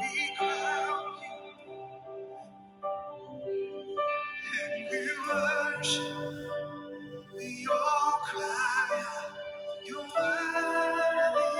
We crown you, and we worship, we all cry out, you're worthy.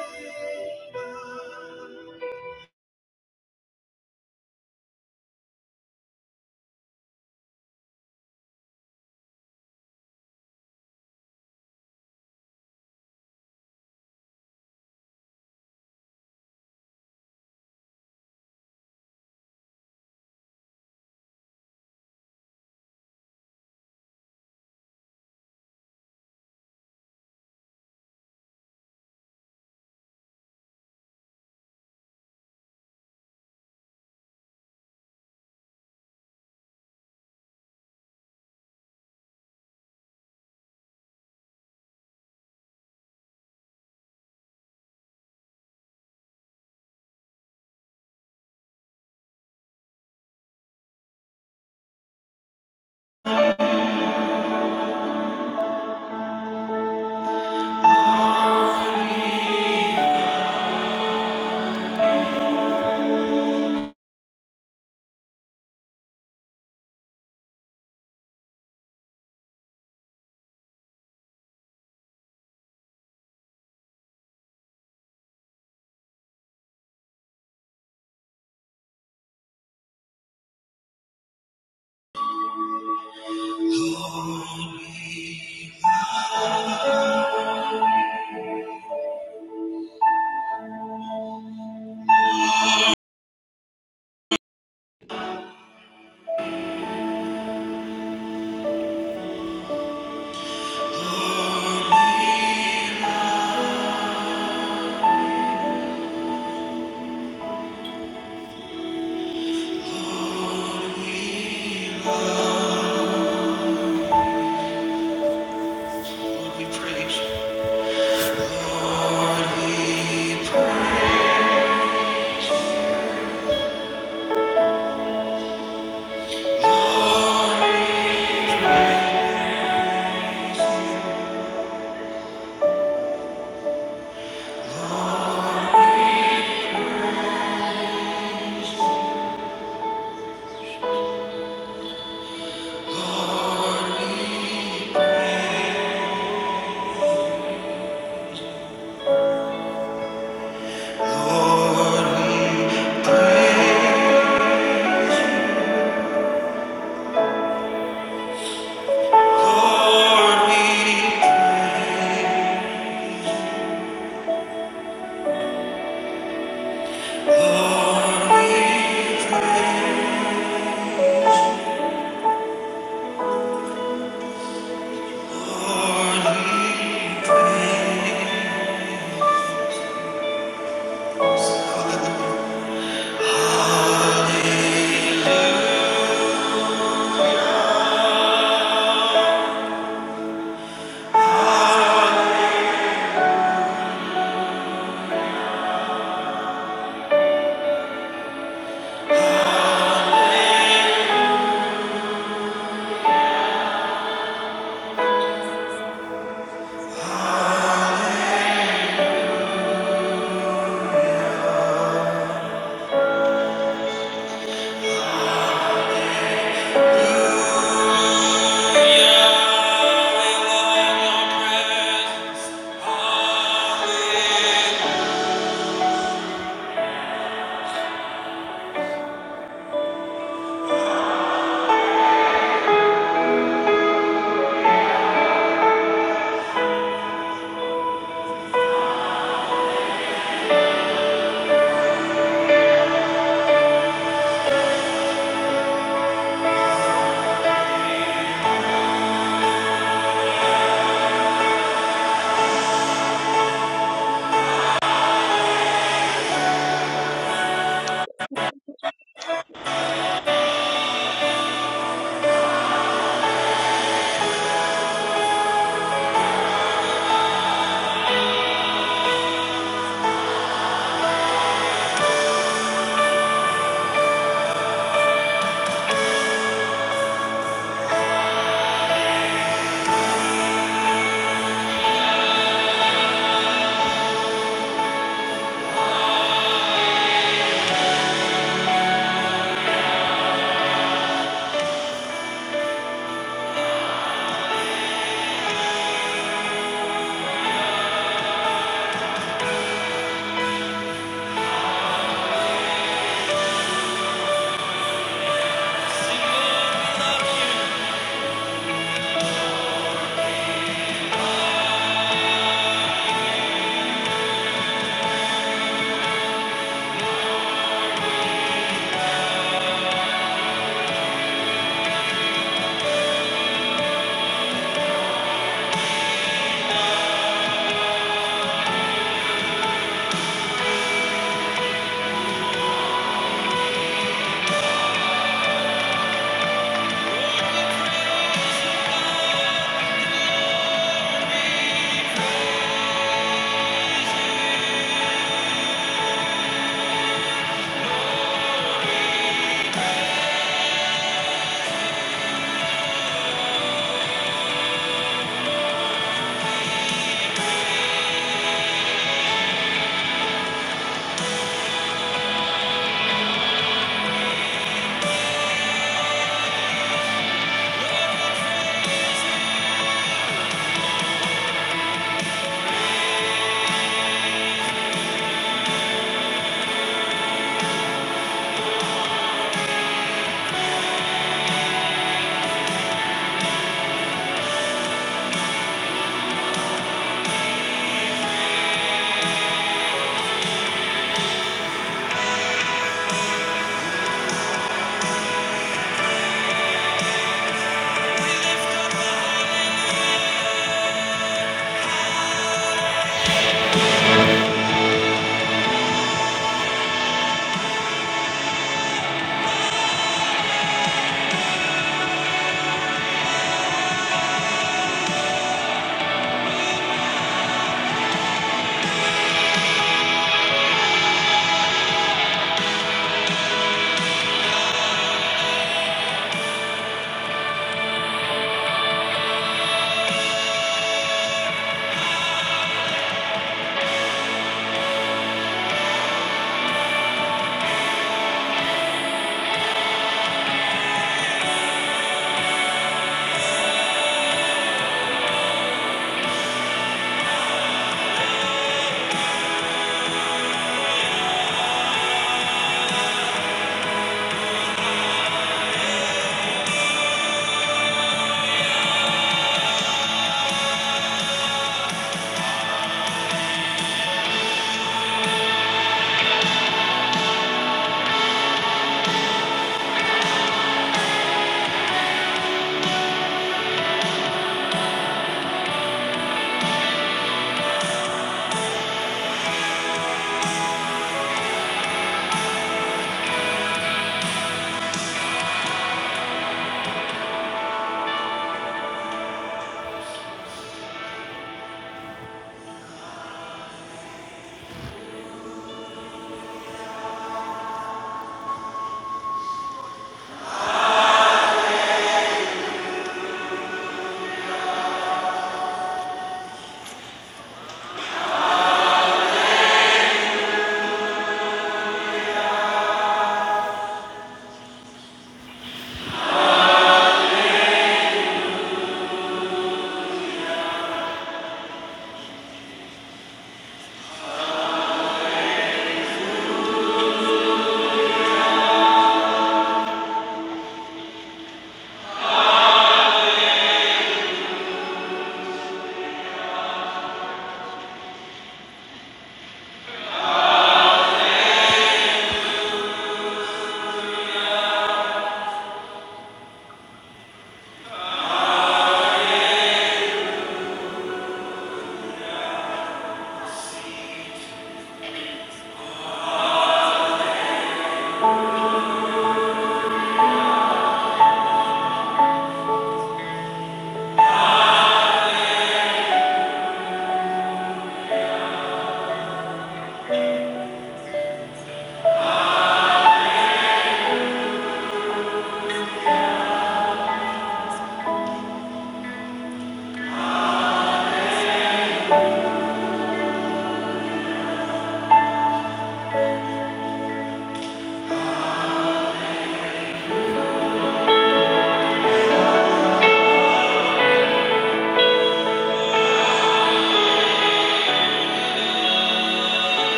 Lord, we praise you. Lord, we, Lord, we, Lord, we, Lord.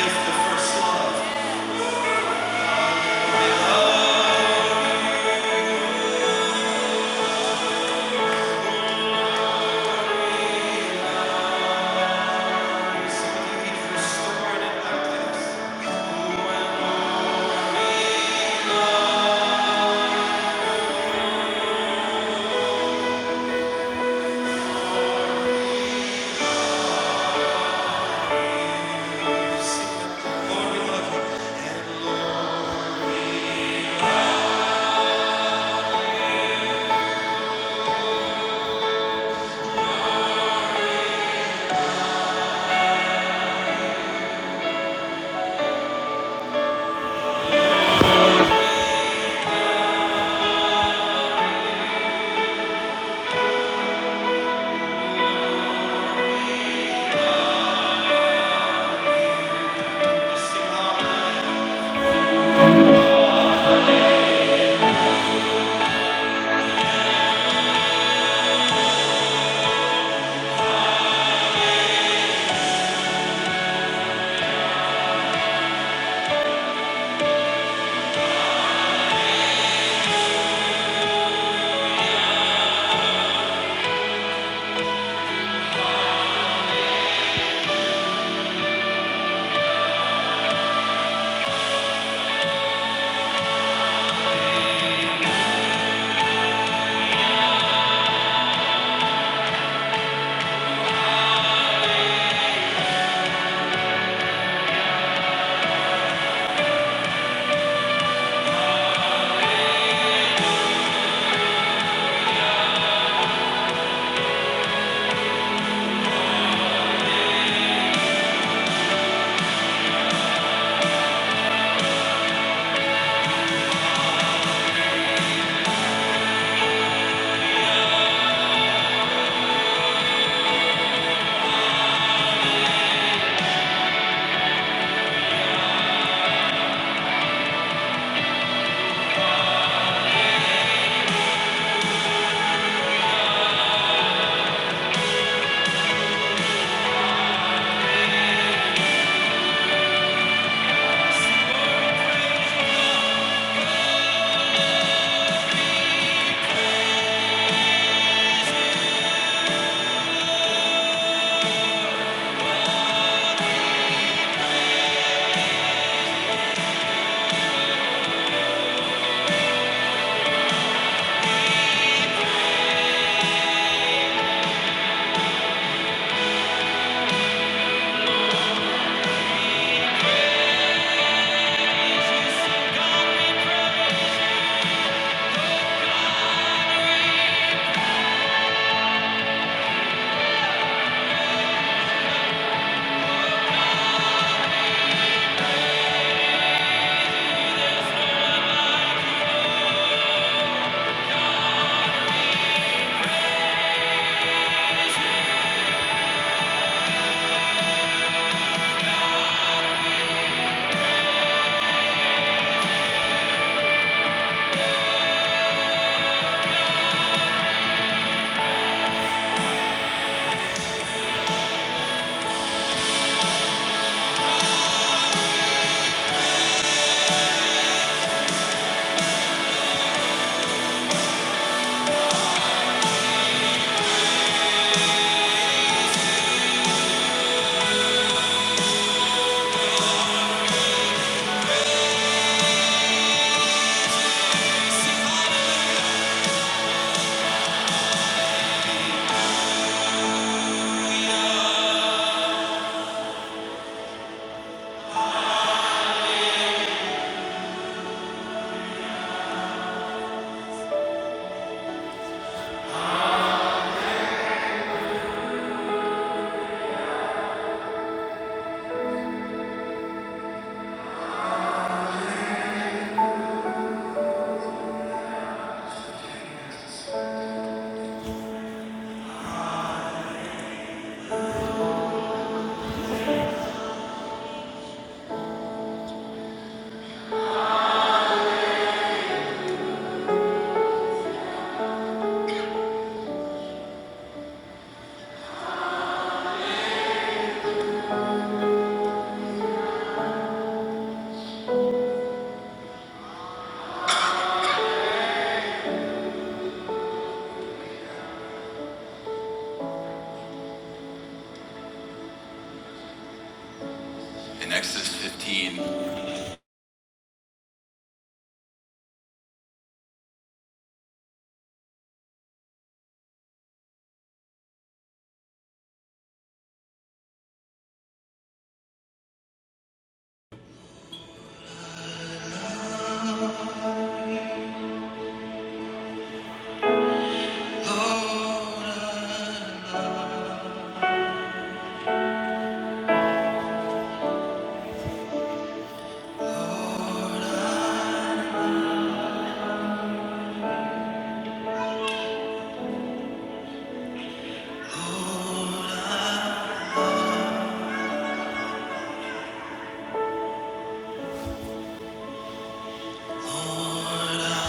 It's the first, Lord, we love you. In Exodus 15. Lord, I love Lord,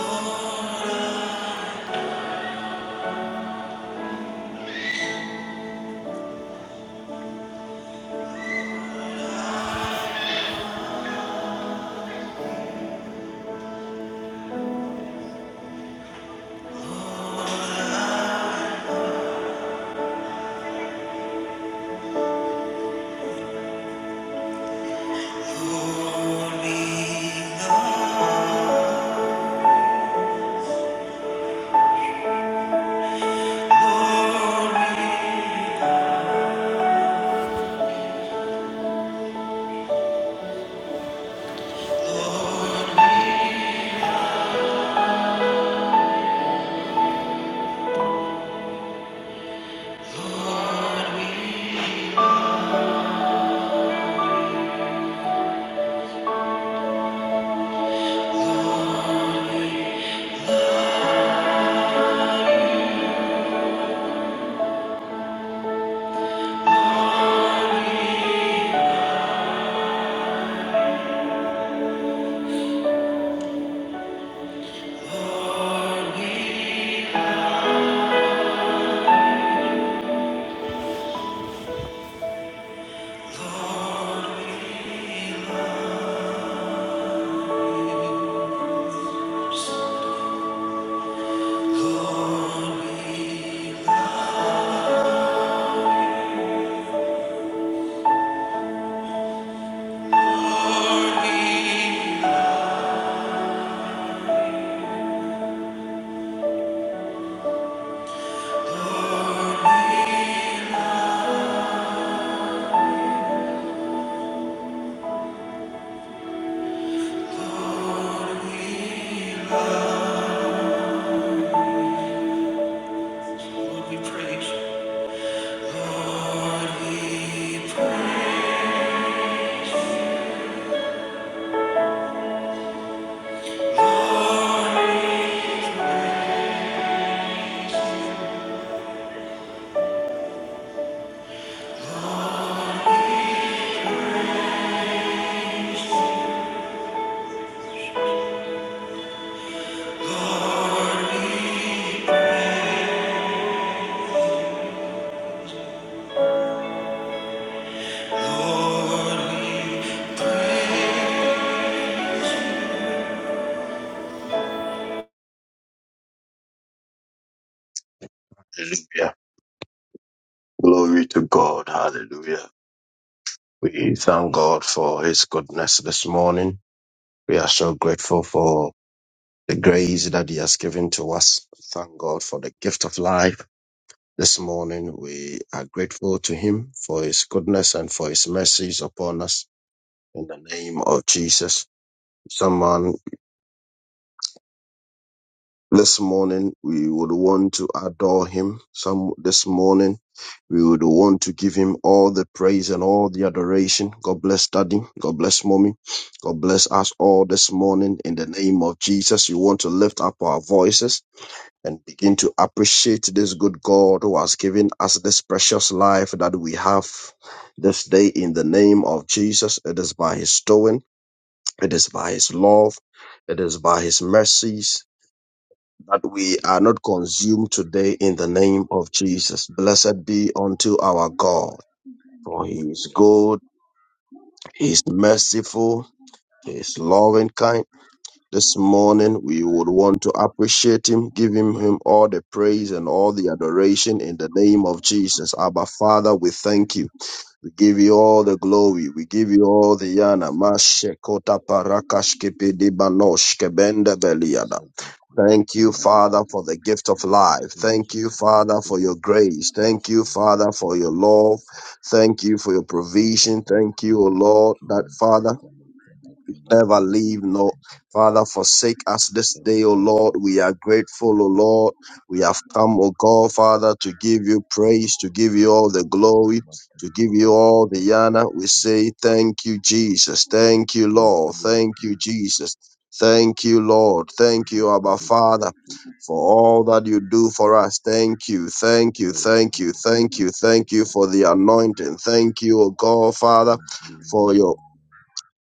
I love. Lord, we love, praise you. Lord, we praise. Lord, Hallelujah. Glory to God. Hallelujah. We thank God for his goodness this morning. We are so grateful for the grace that he has given to us. Thank God for the gift of life. This morning, we are grateful to him for his goodness and for his mercies upon us in the name of Jesus. Someone This morning, we would want to adore him. Some this morning, we would want to give him all the praise and all the adoration. God bless daddy. God bless mommy. God bless us all this morning in the name of Jesus. You want to lift up our voices and begin to appreciate this good God who has given us this precious life that we have this day in the name of Jesus. It is by his doing. It is by his love. It is by his mercies that we are not consumed today in the name of Jesus. Blessed be unto our God, for he is good, he is merciful, he is loving kind. This morning we would want to appreciate him, give him, him all the praise and all the adoration in the name of Jesus. Abba Father, we thank you. We give you all the glory. We give you all the Yes, honor. Lord, Mashekota we parakashkepedibanoshkebendebeliada. so thankful. Thank Come you, back to Father, for God. the gift of life. Thank you, Thank you, Father, for your Jesus. grace. Thank Thank you, you, Lord. Father, Thank for your you, love. Jesus. Thank you for your Zoka provision. Thank you, O bakara Lord, that kini Father kuka makana kama never kama kama leave, nor kama kama Father, forsake us this day, O zoka Lord. We are bakara grateful, O kuka Lord. kuka We have come, O God, Father, to give you praise, to give you all the yaka glory, kama kuka to give you kuka all the kama honor. We say thank you, Jesus. Thank you, kuka kuka kuka kuka kuka Lord. Thank you, Jesus. Thank you, Lord. Thank kuka kuka you, Abba kuka kuka kuka Father. For kuka all that you do for us. Thank you, thank you, thank you, thank you, thank you kuka for the anointing. Thank you, O God, Father, kuka for your kuka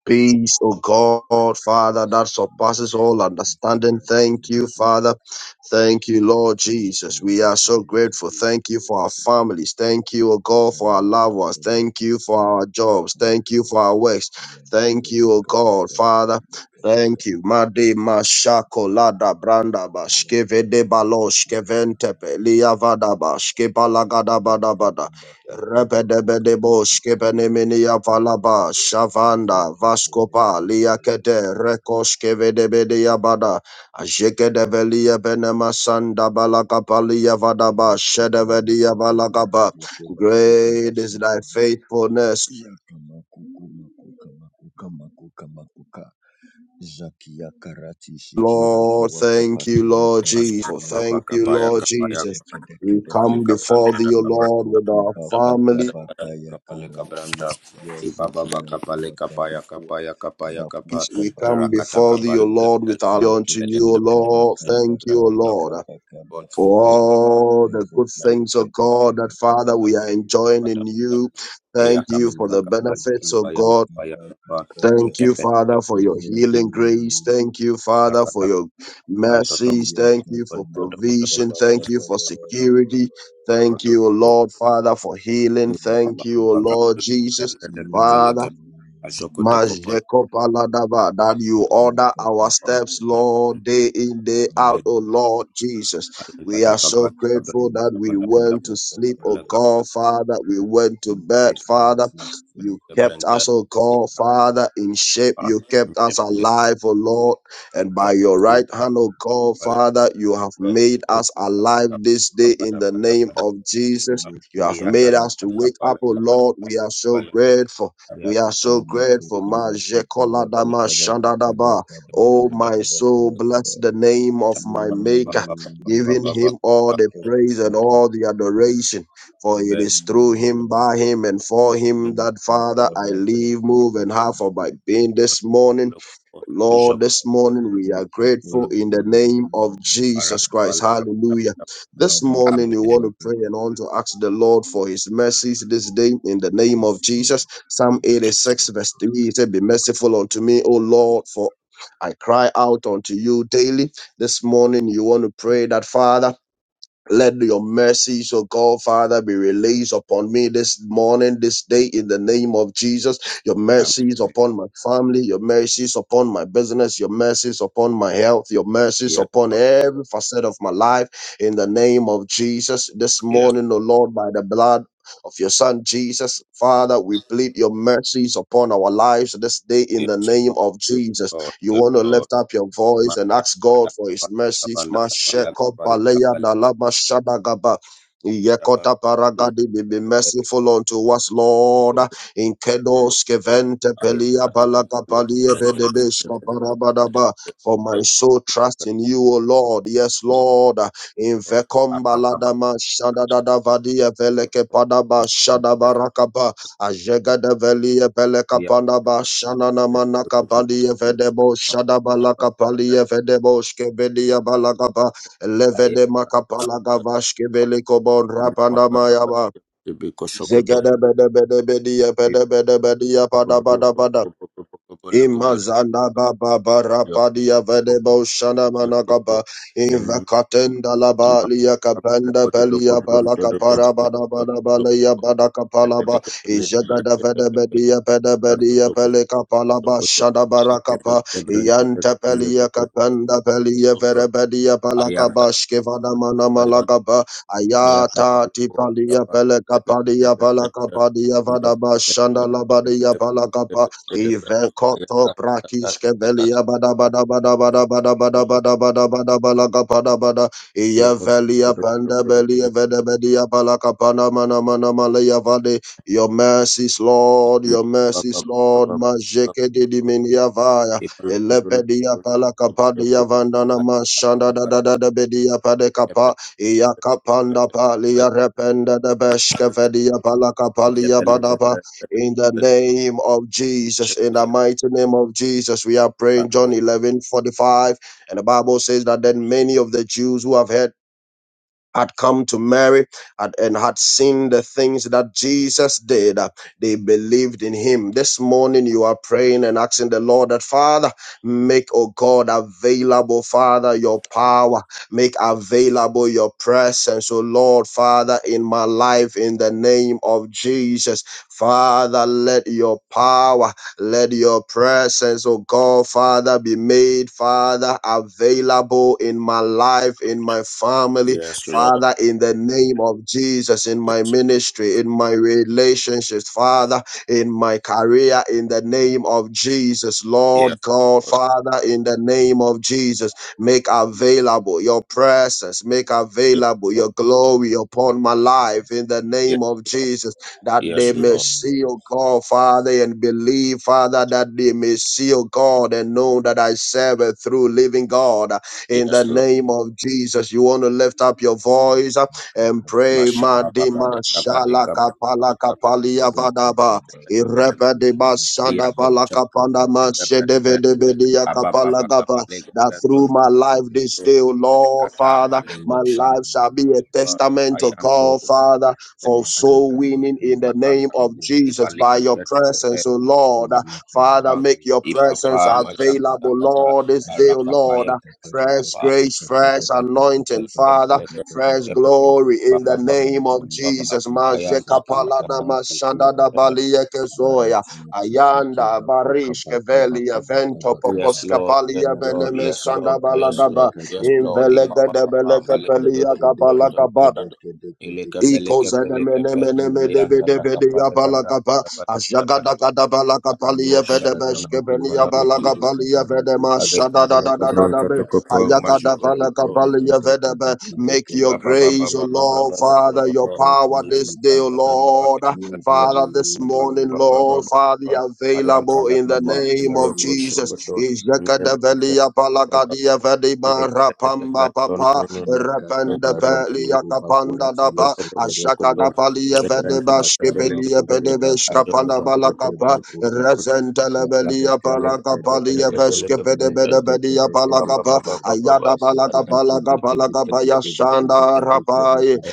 Peace, O God, Father, that We are surpasses all thankful understanding. Father, thank Thank you, you. Father. Thank you, Lord Give Give you Jesus. all We the are so praise, give grateful. you Thank you all for the our glory. families. Thank you, O God, for our Zamako, loved ones. come and Thank pray, you for come and our pray, jobs. come and Thank you pray. for our works. Yabaka, Thank you, O baka, God, baka, baka, Father. baka, baka, Thank baka, you. Madi baka. mashako lada branda Yaka, bashkeve de maka, kaka. baloshkevente pelia vadaba Yako, shkebalagadabadabada. kamba, koko, bako, kamba, Rebedebedebosh, kamba, koko, Kebenemenia kaka, Valaba, kaka. Shavanda, Zeke, kaka. Vascopa, Liakete, Rekos, Kevedebedia Bada, Ajekedevelia Benemasanda, Balakapalia Vadaba, Yaka, kara, Shedevedia koko, bara, Balakaba. koko, bako, Great is kabashiki, thy faithfulness, Yakamakukumakukamakukamakuka. Zakia karati sikira Lord. tuwa Thank you, kapaki ya Lord karati Jesus. ya Papa Thank you, kapaya Lord kapaya Jesus. We kapale come sekedekedekedekedekedekede. before kabranta da thee, O kapale Lord, with Makuku our baku kapale family. kabaka bakaya kapale karati kabranta ya tia iba baba sikira kapale tuwa kapaya kamakua. kapaya kapaya kapa Peace, Bakuka We bakuka Baku come kabaku rakata before thee, kapale O kabaku. Lord, with kabranta our joy unto pele Yekeke you, O Lord. kabaka Thank baka you, O kabranta baka Lord, baka bon baka for baka. all the good and things, O God, that Father we are Ezekedekedekedekedekede. enjoying pada in pada you. iya Thank Thank you for kapaya you, the kapaya benefits, Jesus. O Thank kapaya God. kapaya kapa Thank you, kepe Father, for kepe your healing grace. Thank you, Father, for rakata kabranta your toko mercies. Thank you bodo for bodo bodo provision. Thank you for security. bodo Thank you, O bodo Lord, Father, for healing. Thank you, O Thank Lord Jesus. Father, Majekopaladaba, That you order our steps, Lord, day in, day out, oh Lord Jesus. We are so grateful that we went to sleep, oh God, Father. We went to bed, Father. You you, kept Lord. us, oh God, Father, in shape. You kept us alive, oh Lord. And by your right hand, oh God, Father, you have made us alive this day in the name of Jesus. You have made us to wake up, oh Yakakakakakakaka. Lord. We are so grateful. We are so grateful. Ma Jekoladama Shandadaba. Oh, my Yamakukabakukabakukabakukabakabakabakabakaba. soul, bless the name of my Maker, Yay. giving him you. all the praise and Zakete Amen. all the adoration. For it Amen. is through him, by him, and for him that, Father, I live, move, and have for my being this morning. Lord, this morning we are grateful in the name of Jesus Christ. Hallelujah. This morning you want to pray and want to ask the Lord for his mercies this day in the name of Jesus. Psalm 86, verse 3 He said, Be merciful unto me, O Lord, for I cry out unto you daily. This morning you want to pray that, Father. Let your mercies, O God, Father, be released upon me this morning, this day, in the name of Jesus. Your mercies upon my family, your mercies upon my business, your mercies upon my health, your mercies Yes, upon Lord. every facet of my life, in the name of Jesus. This Yes, morning, O Lord, by the blood of your Son Jesus, Father, we plead your mercies upon our lives this day, in yes, the name Lord. of Yes, Jesus. Lord. You Yes, want to Lord. lift up your voice and Mata, ask bada, God for His bada, mercy. bada, bada, bada, Mashekopaleya bada, nalama shadagaba. bada. Yekota Yes, paragadi be be Lord. merciful unto us, Lord. In Follow, kedos follow. kevente Aya, pelia kata, kata, lede, lede, balakapalia lede, lede, bedebeshka lede, lede, lede, parabadaba. For my lede. soul trust in you, O Lord. Yes, Lord. In Apa, apa, apa. vekombaladama shadadada vadia veleke padaba shadabarakaba. Ajegadavelia Pelekapanaba Shanana Ayanta Manakapalia Vedebo Shadabalakapalia Vedebo Skevelia Balagaba Levede Makapalagavashke Velikobon Rapanamayaba Zegada Bede Bede Bedia Bede Bede Bedia Imazana baba barapadia vedebo shana managaba invakatenda laba liya kapenda belia balaka parabada bada balaya bada kapalaba ijagada vedebedia pedebedia peleka palaba shada barakapa yanta pelia kapenda pelia verebedia balaka bashke vada mana malagaba ayata tipalia peleka padia balaka padia vada bashanda labadia balaka Ivekoto prakishke belia bada bada bada bada bada bada bada bada bada balaga pada bada iya velia panda belia vede belia balaka pana mana mana malaya vade your mercies Lord your mercies Lord majeke de diminia vaya elepedia palaka padia vandana mashanda da da da da bedia pade kapa iya kapanda palia rependa de beshke velia palaka palia badapa in the name of Jesus, in the mighty name of Jesus, we are praying John 11:45, And the Bible says that then many of the Jews who have heard had come to Mary had- and had seen the things that Jesus did, uh, they believed in him. This morning you are praying and asking the Lord that, Father, make, oh God, available, Father, your power. Make available your presence, oh Lord, Father, in my life, in the name of Jesus. Father, let your power, let your presence, oh God, Father, be made, Father, available in my life, in my family Yes, Lord. Father, in the name of Jesus, in my ministry, in my relationships, Father, in my career, in the name of Jesus, Yes, Lord God, Lord. Father, in the name of Jesus, make available your presence, make Yes, available your Lord. glory upon my life, in the Yes, name of Lord. Jesus, that Yes, they may Lord. see, O God, Father, and believe, Father, that they may see, O God, and know that I serve a through living God in the Yes, Lord. name of Jesus. You want to lift up your voice uh, and pray. Mashaba baba de Madima kaba de kaba de shalaka palaka kaba de palia kaba de de vadaba. de de de Irepa de basanda Iyako palaka panda shaba de kaba de mashedeve de devedia Aba baba kaba kapalagava. de kaba That de no through no. my life this day, O Lord Rekata Father, maleko my shana life shall be a baba testament to ayanto God, ba Father, de for soul Yakakama winning in kura the name ajamanata of tukideka Jesus ibali kaba by your ante to kaba de de kaba. presence, O Lord. shata Father, Ezekele. make your ipapa Zekede presence majakata available, kata Lord, this day, O arakapa Lord ya kapa fresh kapa. grace, fresh Ikabre anointing, Father, fresh glory in the name of Jesus. Majeka palana mashanda da balia kezoya, ayanda barish kevelia vento Yes, pokoska Lord, yes, palia Lord, beneme yes, Lord, sanda yes, balagaba, Lord, yes, Lord. invelega Imama de mama beleka maleke pelia dodo kabala dodo kabada. dodo. Ileke peleke peleke pe. Ayan tata kapale gabra. Ikozadamenemenemedebedebedeyapalakapa, Bada bada bada bada. Arako shana Yakaka mana makura mana mana mana tukede mana. kabara ashagadagadapalakapaliyafedebeshkebeniyabalakapaliyafedema, tukede Areko bara solo gabron tukede tata ka shadadadadadabe, kopo majugo. azikede kede kede kede ayakadapalakapaliyafedebe. kede Make kede your Thank kede grace, O kede Lord, Father, your rati power ti this day, ti O ti Lord. yekele Father, this morning, Lord, Father, available in the name of yekeke Jesus. Ijakadaveliyapalakadiyafedema, rapamba papa, rependape, liyakapanda Ashakada Palia Vedeba Skipelia Pedevesh Kapala Balakapa Resentelebelia Parakapalia Veskepedebedia Palakapa Ayada Balakapalaka Palakapa Yasanda Rapai you.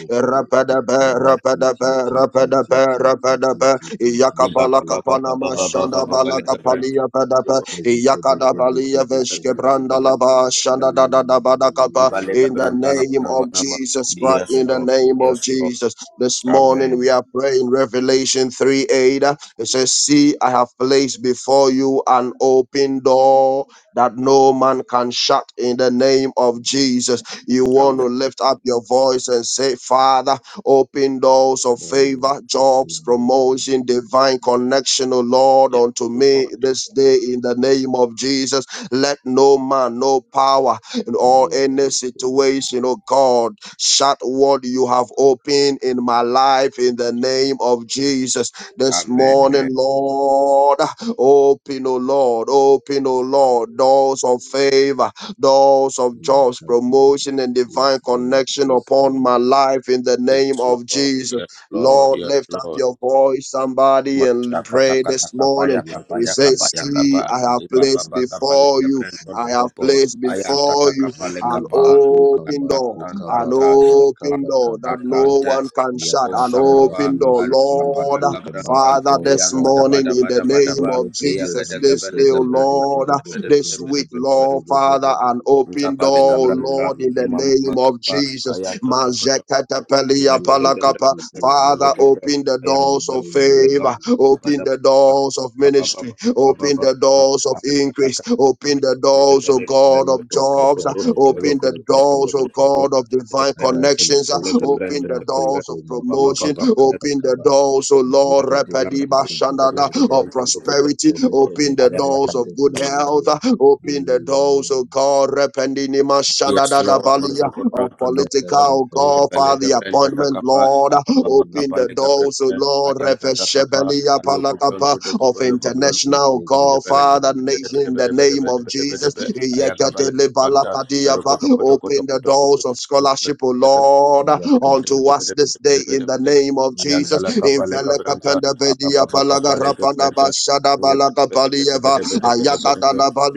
Yes, Rapadabe Rapadabe Rapadabe Rapadabe Yakapalaka Panama Shanda Balakapalia Pedabe Yakada Balia Veshkebranda Lava Shanda Dada Badakapa in the name of Jesus Christ, in the Lord. name of Yes, Lord. Jesus. This Amen. morning we are praying Revelation 3 8. uh, It says, See, I have placed before you an open door that no man can shut in the name of Jesus. You want to Amen. lift up your voice and say, Father, open doors of favor, jobs, promotion, divine connection, O Lord, unto Yes, me Lord. Yes, this day Lord. in the name of Jesus. Let no man, no power, or any situation, oh God, shut what you have opened in my life in the name of Jesus. This Amen. morning, Lord, open, oh Lord, open, oh Lord, doors of favor, doors of jobs, promotion, and divine connection upon my life in the Yes, name of Lord. Jesus. Yes, Lord. Lord, Yes, lift up Lord. your voice, somebody, and Mashakata pray kata this kapa ya morning. kapa He ya kapa says, ya See, kapa I have iba placed baba kapa le before you brento do I have kopo placed ayan tata before you kapa le an kapa open tan door, tan tan an ta open door ta that tan no ta one can shut, o an shababa open door, al Mashakatakatakabayakabayakabayakaba. Ibababakabalekabrentolokopo. Ayantatakabalekapa. bada bada Oshababa, Arekapala Lord. Gabranta, Father, this morning, in the name Iyankadabadabadabadaba, of Jesus, this Iyagadagadabele day, oh Lord, this week, Gabranta, Lord, Father, an open Nkapale door, oh Gabranta, Lord, in the Mimama name of Makapa, Jesus. Ayanto Toko Toko, Mazekatapelia Nkapele palakapa. Gabranta, Nkapele Father, Kapa, Rati open the Ayanto doors of Tokapale favor, Kapa, open Bada the Bada doors of Baba ministry, Baba Baba Open Baba the Baba, doors of Arekata increase. Kata Open Kata, the doors, oh Nkapele God, Gabranta, of Toko jobs. uh, Toko, Open Roko the Toko Toko doors, oh Toko Toko, God, of divine Gabranta, connections. uh, Nkapele seke Open Gabranta, the kamako Kapa, doors of komako Baba Baba promotion. kaba Kapale Gabranta, kaba Open the kaba doors, oh Toko Toko, Lord, zeke Arakala deke Repadiba Kapale deke deke Shandada, Gabranta, deke of Gabranta deke Toko de prosperity. Toko, zeke Open the deke deke doors of deke deke good de health. uh, Open the doors, oh God, Repandinima Yes, Shandada Lord, Valia Mazogo of Branta the yaka political, oh kaka God, kaka Father, Ingabalega the Brenta kaka appointment, Takapa, Lord. Apapa Open the Kapalega doors, oh Brenta, Lord, Ayanta Takapa, Reveshebelia Alogo Palakapa Bronto of Tokopologo Bronto. Yakaka international God, Father, nation, in the name of Jesus. Ayakabalega Branta, Aroko Yekatelebalakadiapa. Toko Toko Open Toko the Toko doors of scholarship, O Toko. Lord, unto us this day in the name of Jesus. Ayantala kapale kabranta, ababa kapale kabranta, Invelekapendebediapalagarapanabasadabalagadabalieva.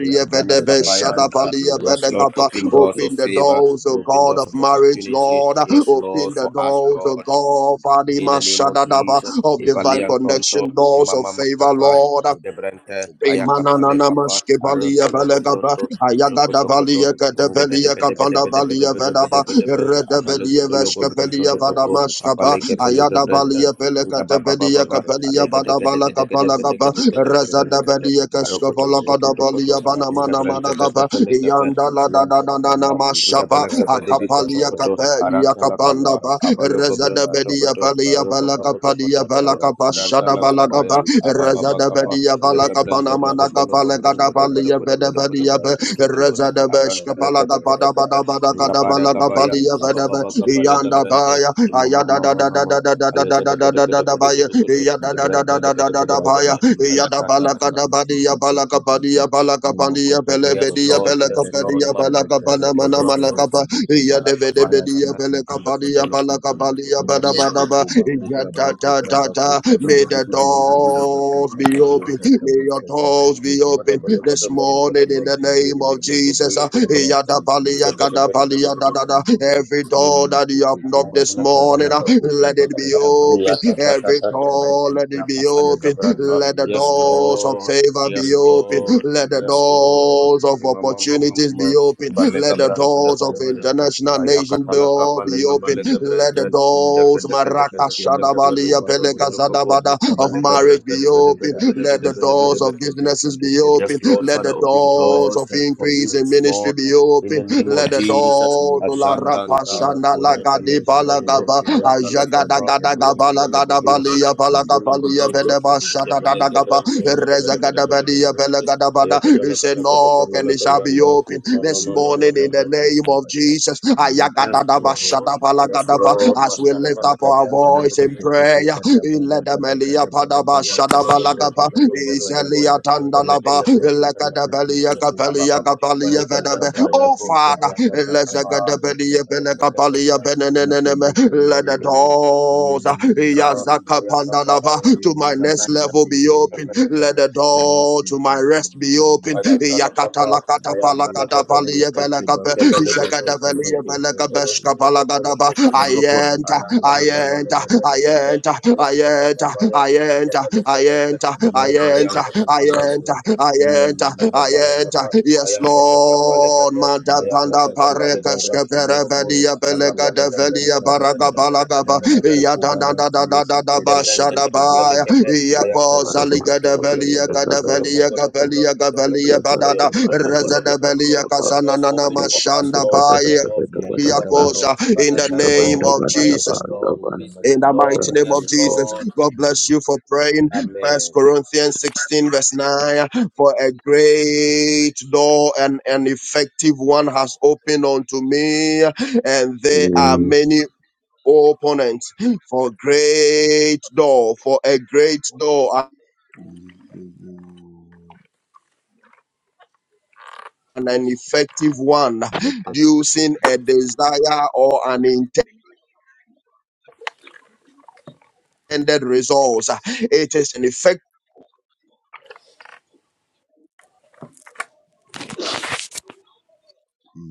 Ayantana kapayanta. Yes, Lord, open doors of Open the favor, doors, O open God doors of of marriage, opportunity. Lord. Yes, Lord, Open the for us, doors, O Lord. God. Father, In the name of Jesus, of divine Ibalian Tonto, connection, doors of Imama favor, Makapa, Lord. Ngebrente, Ayakapa Imanana Lekapa, maske balia Aronto Logo balegaba Bronto, Joko ayagada Tokoto, balia kete Ngebede belia Bede Bede Bede kapanda Bede balia Bede Bede vedaba Bede Bede, irede Abalogo belia to Logo veske Bronto belia vada Dokopo, maskaba Apaleke Pelega ayada Brente, balia bele kete Ngababa belia Baba, kapelia Alega vada Deke bala Deke Deke Deke kapala Deke gaba Ezekede Deke Deke rezada Deke Deke, belia keske Aroko Toko bala Toko kada Toko Toko, balia bana mana Ngebrente mana Teke gaba Peleke Pe, yanda la Ratitititititititi. da da da Ayanto da na Yamakuka mashaba barati Gabelagabele biko akapalia sokoto, shakabaratu kapelia aranta la kabakaba kapanda kapa, ba abalo gobron rezada yabakakabakaba belia totokoto, balia loroko bala kabakabakaba tokoto kapalia bala kotokoto, yakarati aranta kapashada la bala gaba kapaya, sekebaratu abababa Razada kabayabaka kapa, Badia Balaka legabren todo Panamana gobolo yekekeratiti Kapala gobron todo bodo Kadabalia sekebaratu bodo Veda bodo bodo Badia bodo kumakuratu bodo bodo kede bodo, baba Razada baba aranta Beshka baba la kata Palaka kata Pada baba kata, Bada Bada gabara Kadabala gabaya, Kapalia yekekekekeke Veda abababa kapa Yanda legabrenta, Baya imama Ayada da mama da da mama, da da da da alega de da da da kede da da kede da kudu Baya kudu kudu, Yada da da azekadakadakadakadakadakadakadakadakadakadakadakada da lebrenta de da da bede da bede da bede Baya bede, Ratiti, Kabaka, Yada ayatata Balaka ata. da Badia Balaka Padia Balaka Pandia Pele Yes, Bedia Lord, Pele yes, Lord, Kapadia my Balaka Panamana Bronto, Malakapa Yada Vede Bedia Pele Kapadia Balaka Palia Bada Bada Ja, Kabaka, da, da, da, da. May the doors be open. May your doors be open this morning in the name of Jesus. Ah, ya, da, pa, li, ya, ka, da, pa, li, ya, da, da, da. Yes, Every door that you have knocked Yes, this morning, ah, let it Kabaka, Kabaka, be open. Kabaka, Every door, let Kabaka, it be open. Ratata Let the doors of Lord. favor Yes, be open. Lord. Let the Yes, Lord. doors of Mama, mama, opportunities be mama. open. Balega Let the branta da doors ba of da ba da ba. international nations be Ayakatala all be kapalega open balega let the branta. Jaka doors taka taka Maraka taka taka peluga Shadabalia branta do kapo. Pelegazadabada of Balega marriage branta da be ba da ba open. da ba da ba da Let the ba da ba da doors ba. of businesses be open. Yes, Lord, Let Father, the open doors doors of for me increase in this ministry be morning in the open. name of Let the Jesus. doors to La Yekna Ajantanta, kokoba Rapashana kora Lagadi tia Nkepeleko shikede Bronto, Balagaba kede Ayantala kote Ajagada kede Kapa, Gada kede Aloko kote Gabala kede Broloko Gada kede Broloko Balia Broloko Broloko zikede Balagabalia kede Bronto, Bedeba kede Shada kede Nkepeleke kede Gaba. Bronto, Bede Bede Bede erezizi Bede Bede Rezagadabadiya Bede Bede, Pelagadabada. He Ayakatala said, Katakata baka Knock and it Kapalaka baka shall be Bronto, open Mama this Mama morning baka Mama in the baka Mama. name of Jesus. Yes, Ayagadadaba Lord, yes, shadabalagadaba. Lord, As we Maskata lift up Balaka our voice baka in Bronto, prayer, kada kada kada bada Ayam bada kada Iledemelia bada padaba bada kada bada shadabalagaba. bada kada bada Izelia bada Rete Tandalaba, te te te te te Lekadabelia te te te Capelia te Capalia Vedabe, oh Father, Lezagadabelia Benecapalia Beneneneme, let the doors, Makuka Yazaka Pandalava, to Yakaka my next level be open, let the door to my rest be open, Yakatalakata Palakata Palia Velagaba, Shagada Velia Velagabesh Kapalagadaba. I enter, I enter, I enter, I enter, I enter, I enter, I enter. I enter, I enter, I enter. Yes, Lord, Madapanda Parekashka Berebedia Belegada Velia Baragabala Gaba, Ayanta Yadanda da da da da da Gebrante Bashadabaya. kepelikepe Every Yako ayankoto koto koto Zaligada koto Velia koto Gadavelia oyokopolo Gavelia kobronto tokopo Gavelia Badada oyontoto kopolo Rezada kobronto Velia let doors Kazanana open for us Mashanda Lord let Baya doors open for me Yakoza Lord Yakakabarati in the yeti financial name door yesekera of marital Jesus. kuwakama door kukama business In the kama mighty door name of yes Jesus, yekeke Lord God bless you for praying. amen Amen First Corinthians 16, verse 9. For a great door and an effective one has opened unto me, and there are many opponents. For great door, for a great door amen an effective one, yakakaka producing a desire or an intended result. It is an effective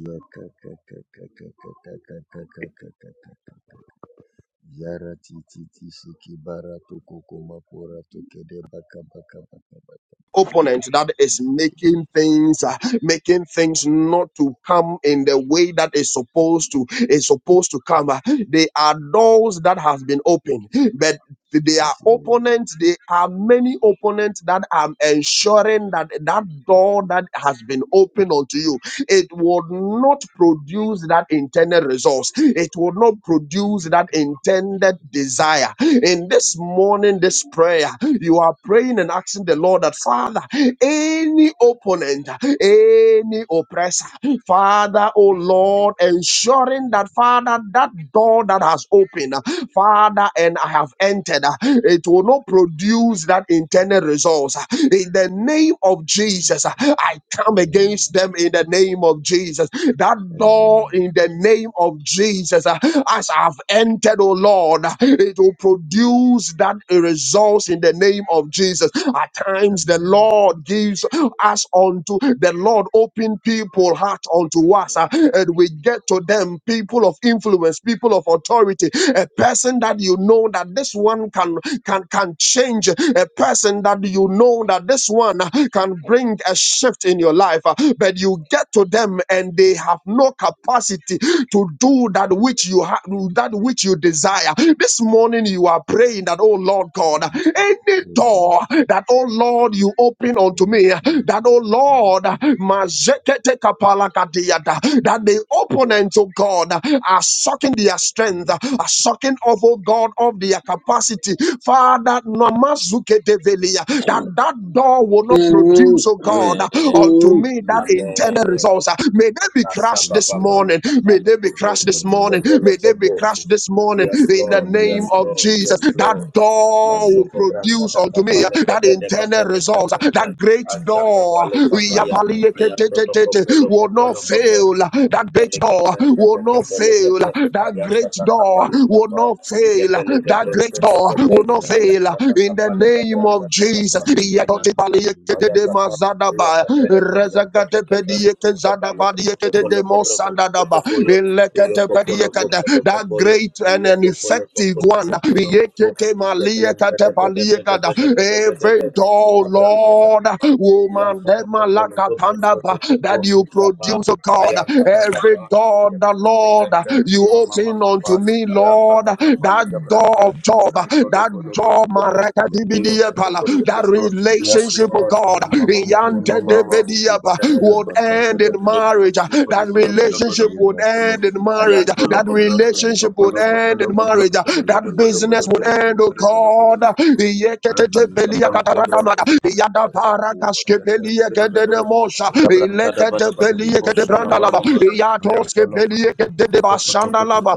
yakakakakakakakakakakakakakakakaka yara titi tisi kibara tukukuma kura tukede baka baka baka baka opponent that is ziki making things uh, making things not to come in the way that is supposed to is supposed to come Uh, they are doors that have been opened but they are yes Lord opponents they are many opponents that are ensuring that that door that has been opened unto you it would not produce that intended results. It would not produce that yakaka intended desire. In this morning, this prayer, you are praying and asking the Lord that, Father, any opponent, any oppressor, Father, oh Lord, ensuring that, Father, that door that has opened, Father, and I have entered. uh, It will not produce that intended results. In the name of Jesus, uh, I come amen against them in the name of Jesus. That door amen in the name of Jesus, uh, as I've entered, oh Lord, it will produce that results in the name of Jesus. At times, the amen Lord gives us unto the Lord open people heart unto us, uh, and we get to them people of influence, people of authority, a person that you know that this one can can can change, a person that you know that this one uh, can bring a shift in your life, uh, but you get to them and they have no capacity to do that which you have that which you desire. This morning you are praying that, oh Lord God, ziki any oh door Lord that, oh Lord, you open oh unto me, Lord that, oh Lord, mazekete kapalakadiyata, that the opponents, oh God, are sucking their strength, Yes, are sucking of, oh God, of their capacity. Father, namazuketevelia, that that door will not produce, oh God, Amen unto me that intended Amen. result walls. ah, May they be Kasa crushed ba yes, this ba ba Lord. le morning. ka ba May le they ko be bro, crushed In ko this the ko ko morning. name ko le of May ko they be ko. crushed Jesus. this morning Yes, in In the the Lord. Yes, name name of of Lord. Jesus. Yes, Jesus. Lord. That door Yes, will Mashoko Branca produce da unto me Capale ah, Lord. that Gabede internal Capele results. kapa ah, That great Ajaka door Pale ah, we are Capaya Yes, palliated, Ayanto Topolo will kopo not Popo Lord. fail. ah, That great Mutepele door ah, Gabrenta will de not Capele fail. Gabe ah, That great Ayanta da kapa door ah, will Capa not fail. ah, Mutepele That great Gabrenta de door ah, will Gabe not fail. ah, Ayanta Ratatatata. da In the Capale name of Gabrenta da Jesus Capa Ezekiel. Ayanta da Capaya kapa. zadaba Thank rezagate pedie zadaba die demo sandadaba elekete pedie that great and an effective one ye ke te every door you. Lord Ayan woman tata dema papa le godron lakatanda tata ba papa that you zapa. produce oh God Ayan tata every papa door the getane Lord brente you mama mama open papa. unto me Ayan Lord tata papa le that brente door of job mizan todo that bolo bolo job bolo. Iyo Marakadibidi, koto Yakakakaya. koto that koto. Yes, Koratikisikiki. relationship, oh Lord. God, Mama, mama, Makoko mama, Iyante barato mama. koko Getane bakaka would godron bakaka end todo in bolo bakaka. bolo marriage. bolo That bolo bolo bolo relationship Zakiti would bolo. end in ratiti Ayan marriage. tolo tisiki That godron bakaka tata relationship papa would makoka end le in baka. godron marriage. tata bolo That bolo Lekeke bolo bolo business would bolo ratiti end, oh titi bolo bolo God. titi. bolo. Ayan tata papa titi. le godron Iyeketepeliakataradamada, Thank tata. iyadabaragaskepeliekedenemosa, ileketepeliekedebrandalaba, Shalom. Rakata iyatoskepeliekedebashandalaba,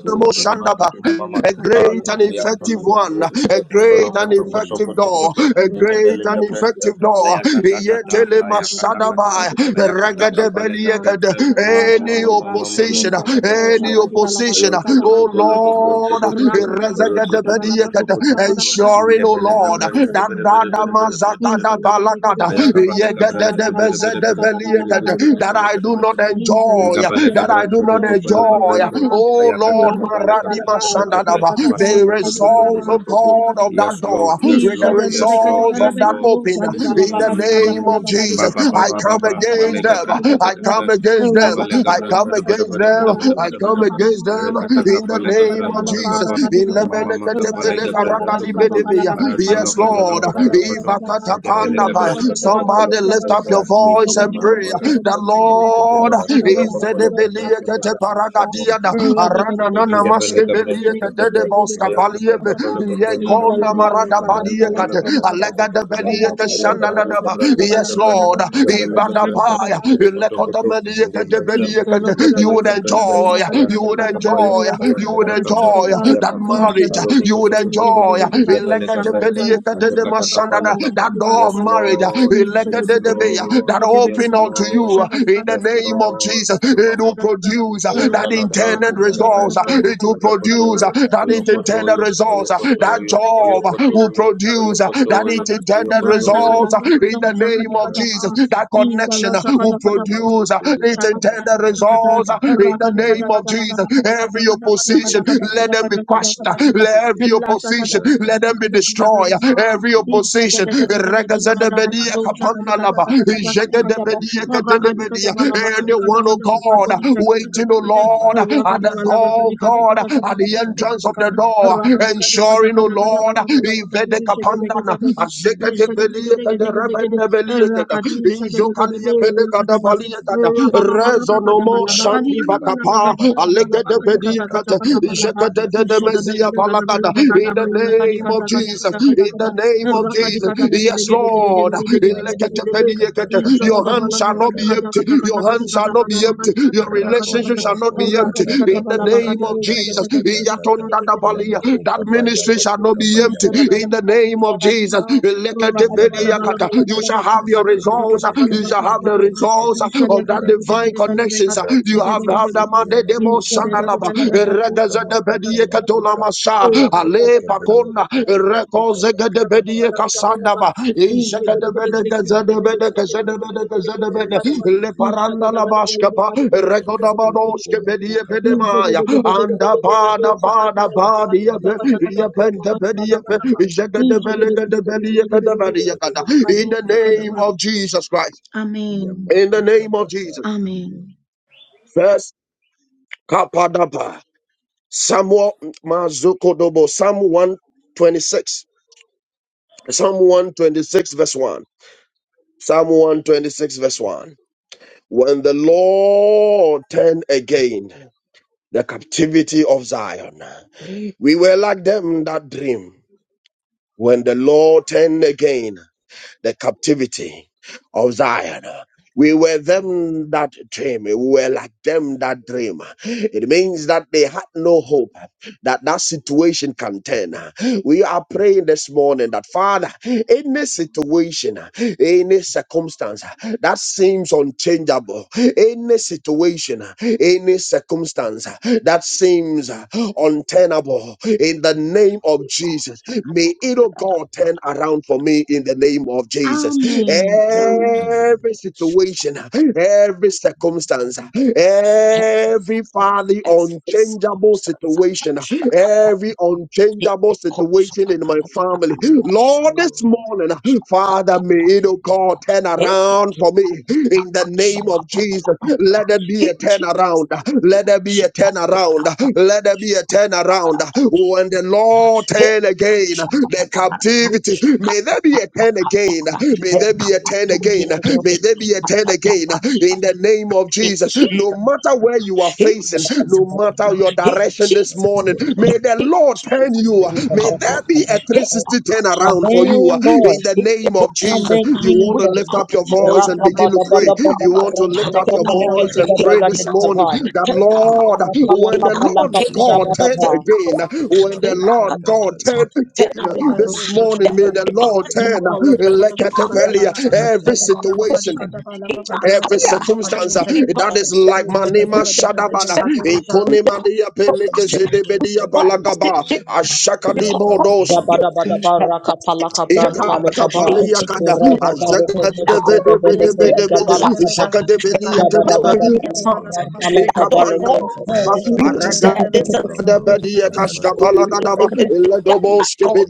iledebeliekederededenemoshandaba a great and effective one, a great and effective door, a great and effective door. Ayata tata tata Yetele ayakata kata mashadabai, Ayakata kapale gabrente regadebeliekede. mama Any mama mama mama opposition, mama mama any mama opposition, ayonto do oh kobolo gobronto Lord, do ko to, roto to to to to to, rezagadebeliekede. ko to, koto koto ensuring, oh ngepele Lord, gabrente de that bere bere that bere bere bere bere mazagada balagada, Ayakapale kabranta de bere bere bere bere bere yegedebezedebeliekede, bere bere that bere I bere do bere not bere. enjoy, Inkapale that I do kabranto to not their kopalo joy. kabranto. Oh Ayakata Lord, kapale Maradima kabranta te kepe. Shandadaba, Maso the to to to to to results to of to to. God of that Yes door, Lord, yes with the Lord, yes Lord, results of yes that Lord. open, in the name Mm. of Ba Jesus, ba ba I ba ba come ba. against Malega them. Branta I come against them. Gabale I Gabranta come da Bada against Bada them. Bada Bada I Bada Bada come Bada against them Arekata in the Kapale name Gabranta of Jesus. Takapa In Zekeketekemakurakatamakukamakukamaka. Mama Makapale Gabranta Tokoto lemeleketepelekaragadibedebeya. Yes, Aratoloko Lord. Toloko Tolokoto Gabele Ivakatatandabaya. Gabranta Zakikiratiitisikemakukabaratisakarakukadaba. Takapale Somebody lift up Gabranta your voice and Tokotoko pray. The Gabranta Thank Tokotokoto Lord Thank Roko is the Gabranta Beliekete Zakekemakurakukedekakabakukabakatakakakaka. Tokotoloko Paragadiana, Arana Nana Yes, Maske Beliekete de Bosca Palieve, Yekona Zikidikedekedikedikedekedekedekedekedekedekedekedekede. Marada Baliekate, Ratatatata. Alega de Belieke Shananadaba. Yamakukubaratuke Yes, Lord, Ivadapaya, you. bakakabakakabakakabakakakaka Ilekota Beliekete Beliekete, you would enjoy, you would enjoy, you would enjoy that marriage, you would enjoy, Ilegate Beliekete de Mashanada, that door of marriage uh, Lord. Yes, elekededebe, uh, Lord. that Yes, open unto Lord. you uh, in the Yes, name of Jesus. It Lord. will produce uh, that Ayantalata, yakakoko intended results. uh, barakoko Gabrante, It will makorako produce Ayokotolo, uh, kedeka that it intended Oyokotoyo, zakaka results. uh, That Oyokotoyo, job uh, will Oyokotoyo, produce uh, that Oyokotoyo, it intended Rasa Oyokotoyo. results uh, in kadang-kadang the usaha name of dikata Jesus. That Rakadi connection uh, will ratititusekemako rato produce uh, kede its intended results uh, in the bakabakabakabakabakabakaba name of Jesus. Every opposition, let them be quashed. uh, Let every Zikedekedekedekedekedekedekede. opposition, let Ratata them be kiti destroyed. kisi Every kiki maku opposition. kabaratia Regazadabedia sakaratia. kapanalaba. Zekede kede kede kede Ijegedebedia Zikedekedekedekedekede. kadelebedia. Ratata Anyone, oh kiti God, kisi kiki waiting, oh maku Lord, at kabaratia the door, oh God, sikedekedeke. at the Azama entrance of kuka the maku door, kamaka ensuring, kabaka oh Lord, kabaka kabaka Ivede kabaka kabaka kapandana. kede kede Ajegedebelia kede kede kede bakaka. kaderebendebelia kada. Nekedekedekedekedekedekedekedekedekede. Injokalia belegadabalia Ratititi. kada. Yabakokoko Rezonomo barato shandi kebako bakapa. kabaka kabako Alegedebedia kabaka kada. kaka barati ya sekede Jekadedemezia kote kede palagada. buda In the bada kede name kede of kede Jesus. kede In kede the name of azikede Jesus. kede Yes, kede kede Lord. maratoko kaba Eleketepeliyekete. Your kabaki hand ya shall not be empty. kakarati Your hand shall not azikede be kede empty. Your rato relationship to shall not to be ta empty. ta ta In the to ta name ta of ta to Jesus. ta ta ta ta Iyatondadabalia. yamako That kaba ministry shall yabako not kaba be empty. yabako In the name of Jesus. Rakadi is Eleketepeliyakata. You Yabapokataka, shall have your results. You shall have the results Zekedekedekedekedekedekede, of that divine Ratiti, connections. You have Ratiti, have the Zeke mande demo Makoka sandalaba. Makoka Makoka Regaza de Makoka bedie katola Makoka, masa. Ale Yabekekebe pakona. Yabekeke Bakoka Rekoze de Bakaka bedie Bakaka Kaka, kasandaba. Ijaga de bede gaza de bede gaza Zekedekedekedekedeke, de bede gaza de bede. Le paranda la baskapa. kaka Rekoda kuku badoske kuma bedie kuka kama pedemaya. kuka baka Anda kaba kaka bada kaka bada badi aziki de yepe. kede kede Yepente kede kote pedie pe. kede the bada Ijaga de bada Amen. bada belega de bada bedie bada kada bedie rati kada. ti In the ti ti name ti of ti Jesus ti Christ. yama In the kuka name of baka Jesus. amen Amen. First Kapadapa. Samuel Mazukodobo. Psalm 126. Psalm 126 verse 1. Psalm 126 verse 1. When the Lord turned again the captivity of Zion, we were like them that dream. When the Lord turned again the captivity of Zion. We were them that dream. We were like them that dream. It means that they had no hope that that situation can turn. We are praying this morning that Father, any situation, any circumstance that seems unchangeable, any situation, any circumstance that seems untenable in the name of Jesus. May it, oh God, turn around for me in the name of In Jesus. Jesus' Amen. Amen. name. amen Every situation, every yes circumstance, lord Hey, every father unchangeable situation, every unchangeable situation in my family. yes Lord, this lord morning, Father, may yes it, oh God, lord turn around for me in the name yeah of kaka Jesus. kaka Let there be kaka a turnaround. Let there be a turnaround. Let there be a turnaround. When the Lord turn again, yeah the kaka kaka captivity, kaka may there be a kaka turn again. May Amen, there be a zikede turn kede again. kede May there be a turn again in the name of in Jesus. No Jesus' matter name. where you are In facing, no Jesus' matter name. your In yeah direction, session this kaka Jesus' morning. kaka name. May the kaka In Lord turn Jesus' you. name. May God bless there be me. a In the 360 turn God's around for you boy. name. in the In the name of God's Jesus. Amen, name. You want We to Amen. Jesus. lift declare up the your voice and begin turnaround to in pray. Yakakakakakakaka. our Shadabalabakadabala. You want to marriage, lift up your Yabakoko turnaround voice and barato in pray our this kabaka morning Rakabada baka finances, that baka baka Lord, ba. turnaround when in the our Zaki Lord education, God kimako turned kamako again, kimako turnaround when the in kamako our Lord kaka government, God baka turned ka. again turnaround this Zeke morning, that may we dege the Izakadebekadosakadabalaba. Lord declare turn turnaround kakaka uh, in rutoko our Thank kutere Lekatepelia, bile ministry, bile every in kere. our situation profession, in our every career. Zeke We circumstance uh, deke that declare deke is deke like Satan. dege. We Manema declare Shadabada Satan. in Ipolodakadakadakadabalabakadikadabalabakadikadabalabakadikadabalabakadosadebekade. We declare Konemania Peneke promotion. We Zedebedia declare positive Palagaba shift. We Yakakakakaka. Ashakadi declare Bodos. positive youth. And positive turnaround. Yakakaba In kukaba Ikatapaliyakada, Jesus' name, kaba Lord. kaba Now, kaba I'm not kaba with Thank kaba you kaba Ashakadebedebedebedebede, last kaba time. And I zekede God, I know Ishakadebeliyeketebe, kede when you kede declare something kede kede that kede the Ikapanda, Lord, ratiti you suki said mako this is kama kaba kaka kaba Aragadabediyekashkapalagadaba, it- kaka it- it kaka done by God.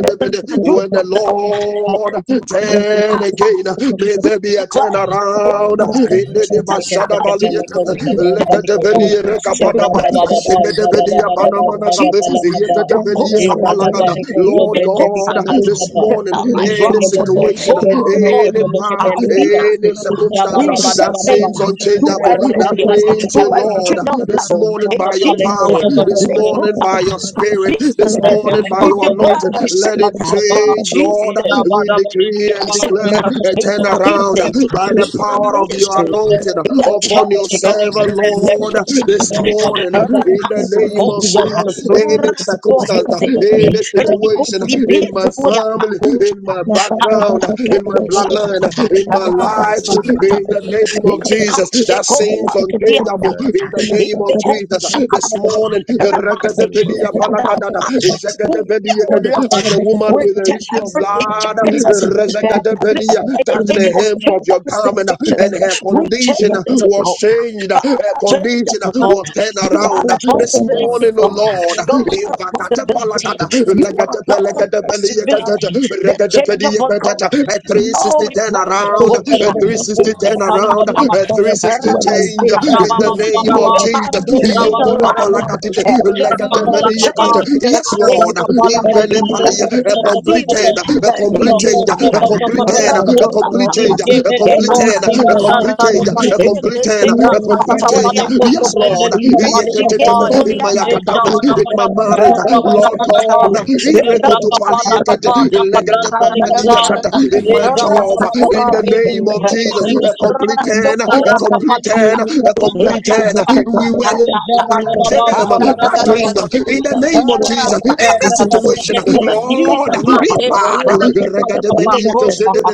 This is the doing When the of the Lord. And Lord this is not lost in Turn again. May our there be a turn declare. around. Ijabada bada yakaka in kaka the bada kaka Take back Dibashada kaka activity. Baliata. Take me to Lekatebeli form the Rekapadaba. greatness. In the Shekatebelia name of Panamanagabe. Jesus, the Yekatebelia yakaka Kosakata, kaka Kapalagada. kaka if Lord the God, Kosakata, this she take has morning, the been life of any man. unchangeable situation, in the Oh mighty God, any name power, of our Jesus. any finances, circumstance we set that things seems to a unchangeable, that million, seems, to oh yakaka a Lord, kaka trillion this level. morning In by your Jesus' Thank power, name, this the morning Kosakata, by your spirit, this morning business, by we your declare anointing, a let it shift change in change, Jesus' Lord. name We bada yakaka decree kaka and bada, declare raka center, a in soko my soko turnaround meetings, pelike by the in my power of your ministry, anointing in the upon church, your of God. servant, Let Lord, it this shakatata, morning in the name of rakasukosha, Jesus. Any circumstance, rasohetelepe, any situation in my rikosipeturia family, makosha, in my background, in yakaka my kaka bloodline, kapatatukosakatata, in kaka my life, in arasakatata, the name of Jesus, that seems Zekedekedekedekedekedekedekede. unchangeable. In the name of Ratititititititi. Jesus, ipekashekopatiakatata, this morning, Rabasi, Yamapopobakora Dada, you. as who your When lot the woman will with tokedekedekedekedekedekedekedekede. the tell issue of every blood you. injectors, Zekedekedekede. every any touched any the hem of your obtainable garment injections. and her We condition change it to was God. changed. Her Father, change it condition to God. was turned You are around. the This Yes, possibility, morning, O God. Lord, God of possibility. You yakakakaka are God of yakakarati possibility. The tisikira changeable God. tukamakura a No, we 360 turn kukimakukabaka pray the around, whole a time. 360 turn around, a zabakukumakukamakukamaku Rakapala We demand 360 I change did that in the thing, name of God, Jesus. a then was change a the mouthful life. of laughter. We Iyokotapalakatite, Father, demand you a pray, oh God, zekekebakukukobakuratiyasekedekekebakabakabakabakaba change of that Yes, Lord. situation conditions. that is In the Invelipalia, A that complete turn, Natives, ratutututatatatiititi a That is complete you raise change, it, God. a yemekeke of complete Laughter turn, yemekeke and a joy Rakosa on complete our yemekeke change, Tapata, faces. a yemekeke Father, complete Eva may you turn, turn it a around complete Kachakata, in the change, name of a Ayakakabarati, Jesus. complete Eva Titi, turn, May you Titi, a Seko turn it Titi, complete around in Titi, the change. Fatoria name of Data, Yes, Jesus. Sekeke, Lord. May you Bakura, turn it around Tukede, in the name In of Kabara, Yukushiketolia my Jesus. Tukede, academics, You ba. come Data, in up my and marriage, speak up. Father, Lord Yakakakaka, God. In yakakaka, zekedekadekadeke, Makusha takata my job, rataka in the papa name of rataka Jesus, a palosa Rakapale complete turn, amaka a Rasakuta papa complete yakekibaratukutukadekadekadeke, turn, ilika a in posa complete turn. zakata We will zakata and ilika them papa bashia that kapala dream in kapa the ilika name of Thank pasua Jesus. kapa In this Jesus situation, ikosa tika Lord, Jesus' yakakakakakakakakaka, palia mighty name, papa oh Ipad, God. rataka papa Let sata Regademediakezedebe,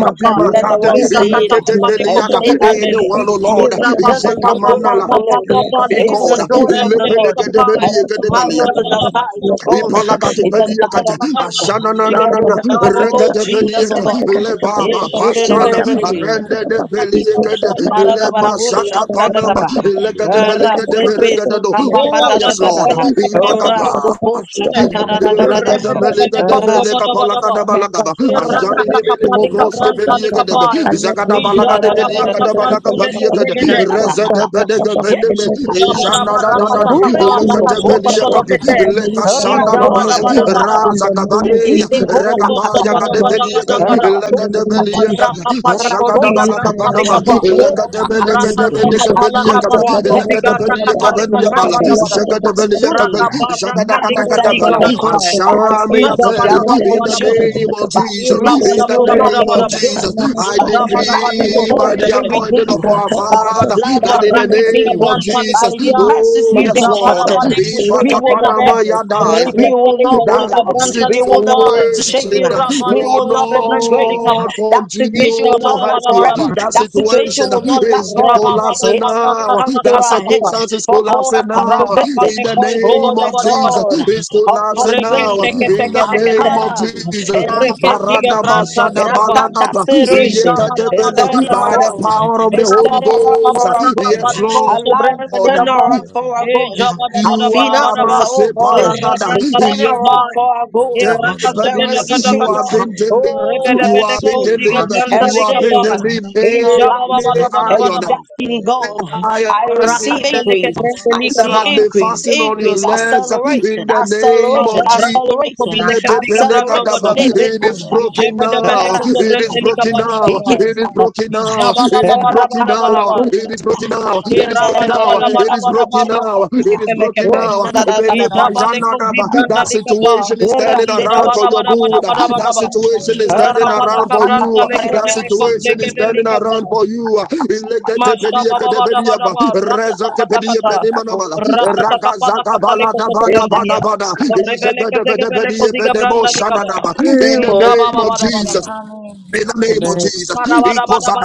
makada baka the world pala papa see it and rataka Ileketepeliada, baka say that baka it baka papa anyone, be. oh Lord, ilika papa This is kapa the zaka doing of Izekamanala. papa the Lord. ilika He papa It's the called. kapa He zaka doing of the papa Lord. lepeleke ilika And debeli papa azikudekedekadekadekadekadekadekadekadekadekadekadekadekadekadekadekade, it's yeke kapa zaka debeli. marvelous in the papa sight of ilika ratututututut, God, papa Ipalagati kapa in the zaka papa sight Beliakata, of men. yamakobubarabara, Ashana There Nanana, will marvel, Rakapadakapasakata, Lord Rekata Jesus, oh Beliaka, God. Yes, Lebaba Ikadabasakatakapakapa, sure, sure, sure, ayakakakaka. Thank Pasana, sure, sure, sure. Arende de Ilekapalakapakapa, Beliakata, Ikoshakatakapa, Lema Laradabarabu Shaka Panama, shatadadabaha. Rakakapalakapa, Legata Belicata you. Rasebe Lapakapakapakapa, Beregadado. Oh, yes, Lord. Lapakapakapakapa, sukapapatadadadaha. Ivagaba. Ikatapakapakapa, Rasuko Yakaka Regada shakataradadadadaha. belega Lapakapakapakapa, de Ras- belega palaga da balaga ba. Ajani Makashatakata, ni mele go broske beliega Rakapatakapa, de be. Zagada balaga de beliega da balaga radadadadadadaha. Alekozikapapapapapapa, beliega de. Rakapaleko Reza de Idadadadadabaha. belega Yakwasatakapa. Hey, In the beneme. situation Jana of shakatatata. da da God, da I da. Kuria see Leke my de soko beliega above. be. shakatata. Father, may you Leka turn it shana la Rako around, ba oh baya. soko God, in tatatata. Raza the name of gabare ya Jesus. Ipeko May Rega you ba turn baya it gade around, oh beliega. God, in Leke the de name of Rakosakata, beliega. Jesus. Ajaga da May ziga you balaga turn it branca Rakosakata. banama. around, lekaba The In oh the name God, day of our in the Rabba name of captivity Jesus. has come to an end Ikapapapakapalapa, because the mercies are Yakapalakapapapa, stood in her. in said the name no, but as mercies we are not consumed, of but as Jesus, mercies in we the will not be name of consumed, Jesus, I but as mercies the decree by Lord the will be anointing redeemed, of our by the Father blood we that have in the been name redeemed, of by Jesus, His mercies oh we've yes, been you. Lord, pardoned, we will not if perish, I we will not go that down, we will not put to shame, situation we Yakaka will will not be disgraced. not That situation continue will to not help last you. forever. That That situation situation will not last is forever. collapsing It has now. come to That our head. circumstance is For God has collapsing come to now. visit. In the Rakapaleko Oh, name the of Jesus, God zobodobodobodaba. it's of collapsing Reke now. possibilities seke In teke the has teke te. name of come Jesus, and has Reke touched ziga it. Baradaba branta and has Lama likaba. touched that Shadabalagaba, Inza situation. It's Yekatebele, turning by badabadabadabadaba. the around. power of the It's Holy turning around Ghost. Rababababa for our good. Yes, rakapaleko Lord. Our life is zobrenta turning likaba. around for our E good. Our You are finances, jabadabadabadabadaba. my oh E God, Sepalagada. it's rabranta turning lakaba. around for our E good. There Debali, is a You shift. are rakasobedabadabada. huh? being delivered. Oh, You a are Rebedebeleko being shift. ziga huh? delivered. branta A You are being shift likaba. huh? in our delivered. Inja life. Any huh? iron, And bababadabadabadaba. destiny, God, huh? iron. I any receive Rakasoleke increase. huh? brenta you. I that see has likaba. been increase, fasting on your increase, legs in acceleration, the name acceleration, of Jesus. Branson acceleration, huh? Kobeleka Ziga Brando acceleration. Godoga. Let me It go, is Yakaka shut up. broken Ijebe de now. Beleko Eras- It is Zobrentelika broken Balika He now. Baya. gets It is up. broken now. Ijaba It Baba is Eras- Bada broken Bada who Bada now. Bada. goes It up. is broken now. It Ele- is broken Irabada ele- now. Bada ele- It Bada is Bada broken Bada now. ele- It is broken Seketelekete. Oh, Amen. now. na- na- na- na- na- na- Ijaba Leko na- Zibranda That Lika Ba. situation is standing Eras, he around Ijaba goes for Bada your up. Bada good. huh? Bada Bada That Bada. situation is standing Amen. Irakabala around for Kabranta you. Leko That Beleko situation is turning Zegedelika around Ba, for you. Mashabababababa, rakatakatakata, rakatakapalakapaleko sokobrendelia, orebeleke zegebeleko zigabrandalikaba, In the name of ijabababababa, Jesus. Amen. In the name of Jesus, shadabadabadaba,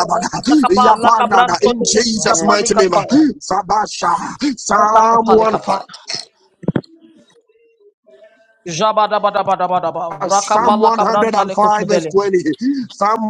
in Jesus' mighty name, rakatakapalakabrantolekesikapalekapa, Sabasha, Psalm shatakapalekapa, 105, jabadabadabadabadaba, Psalm rakapalakabrantaleko 105, verse sobelia, 20, Psalm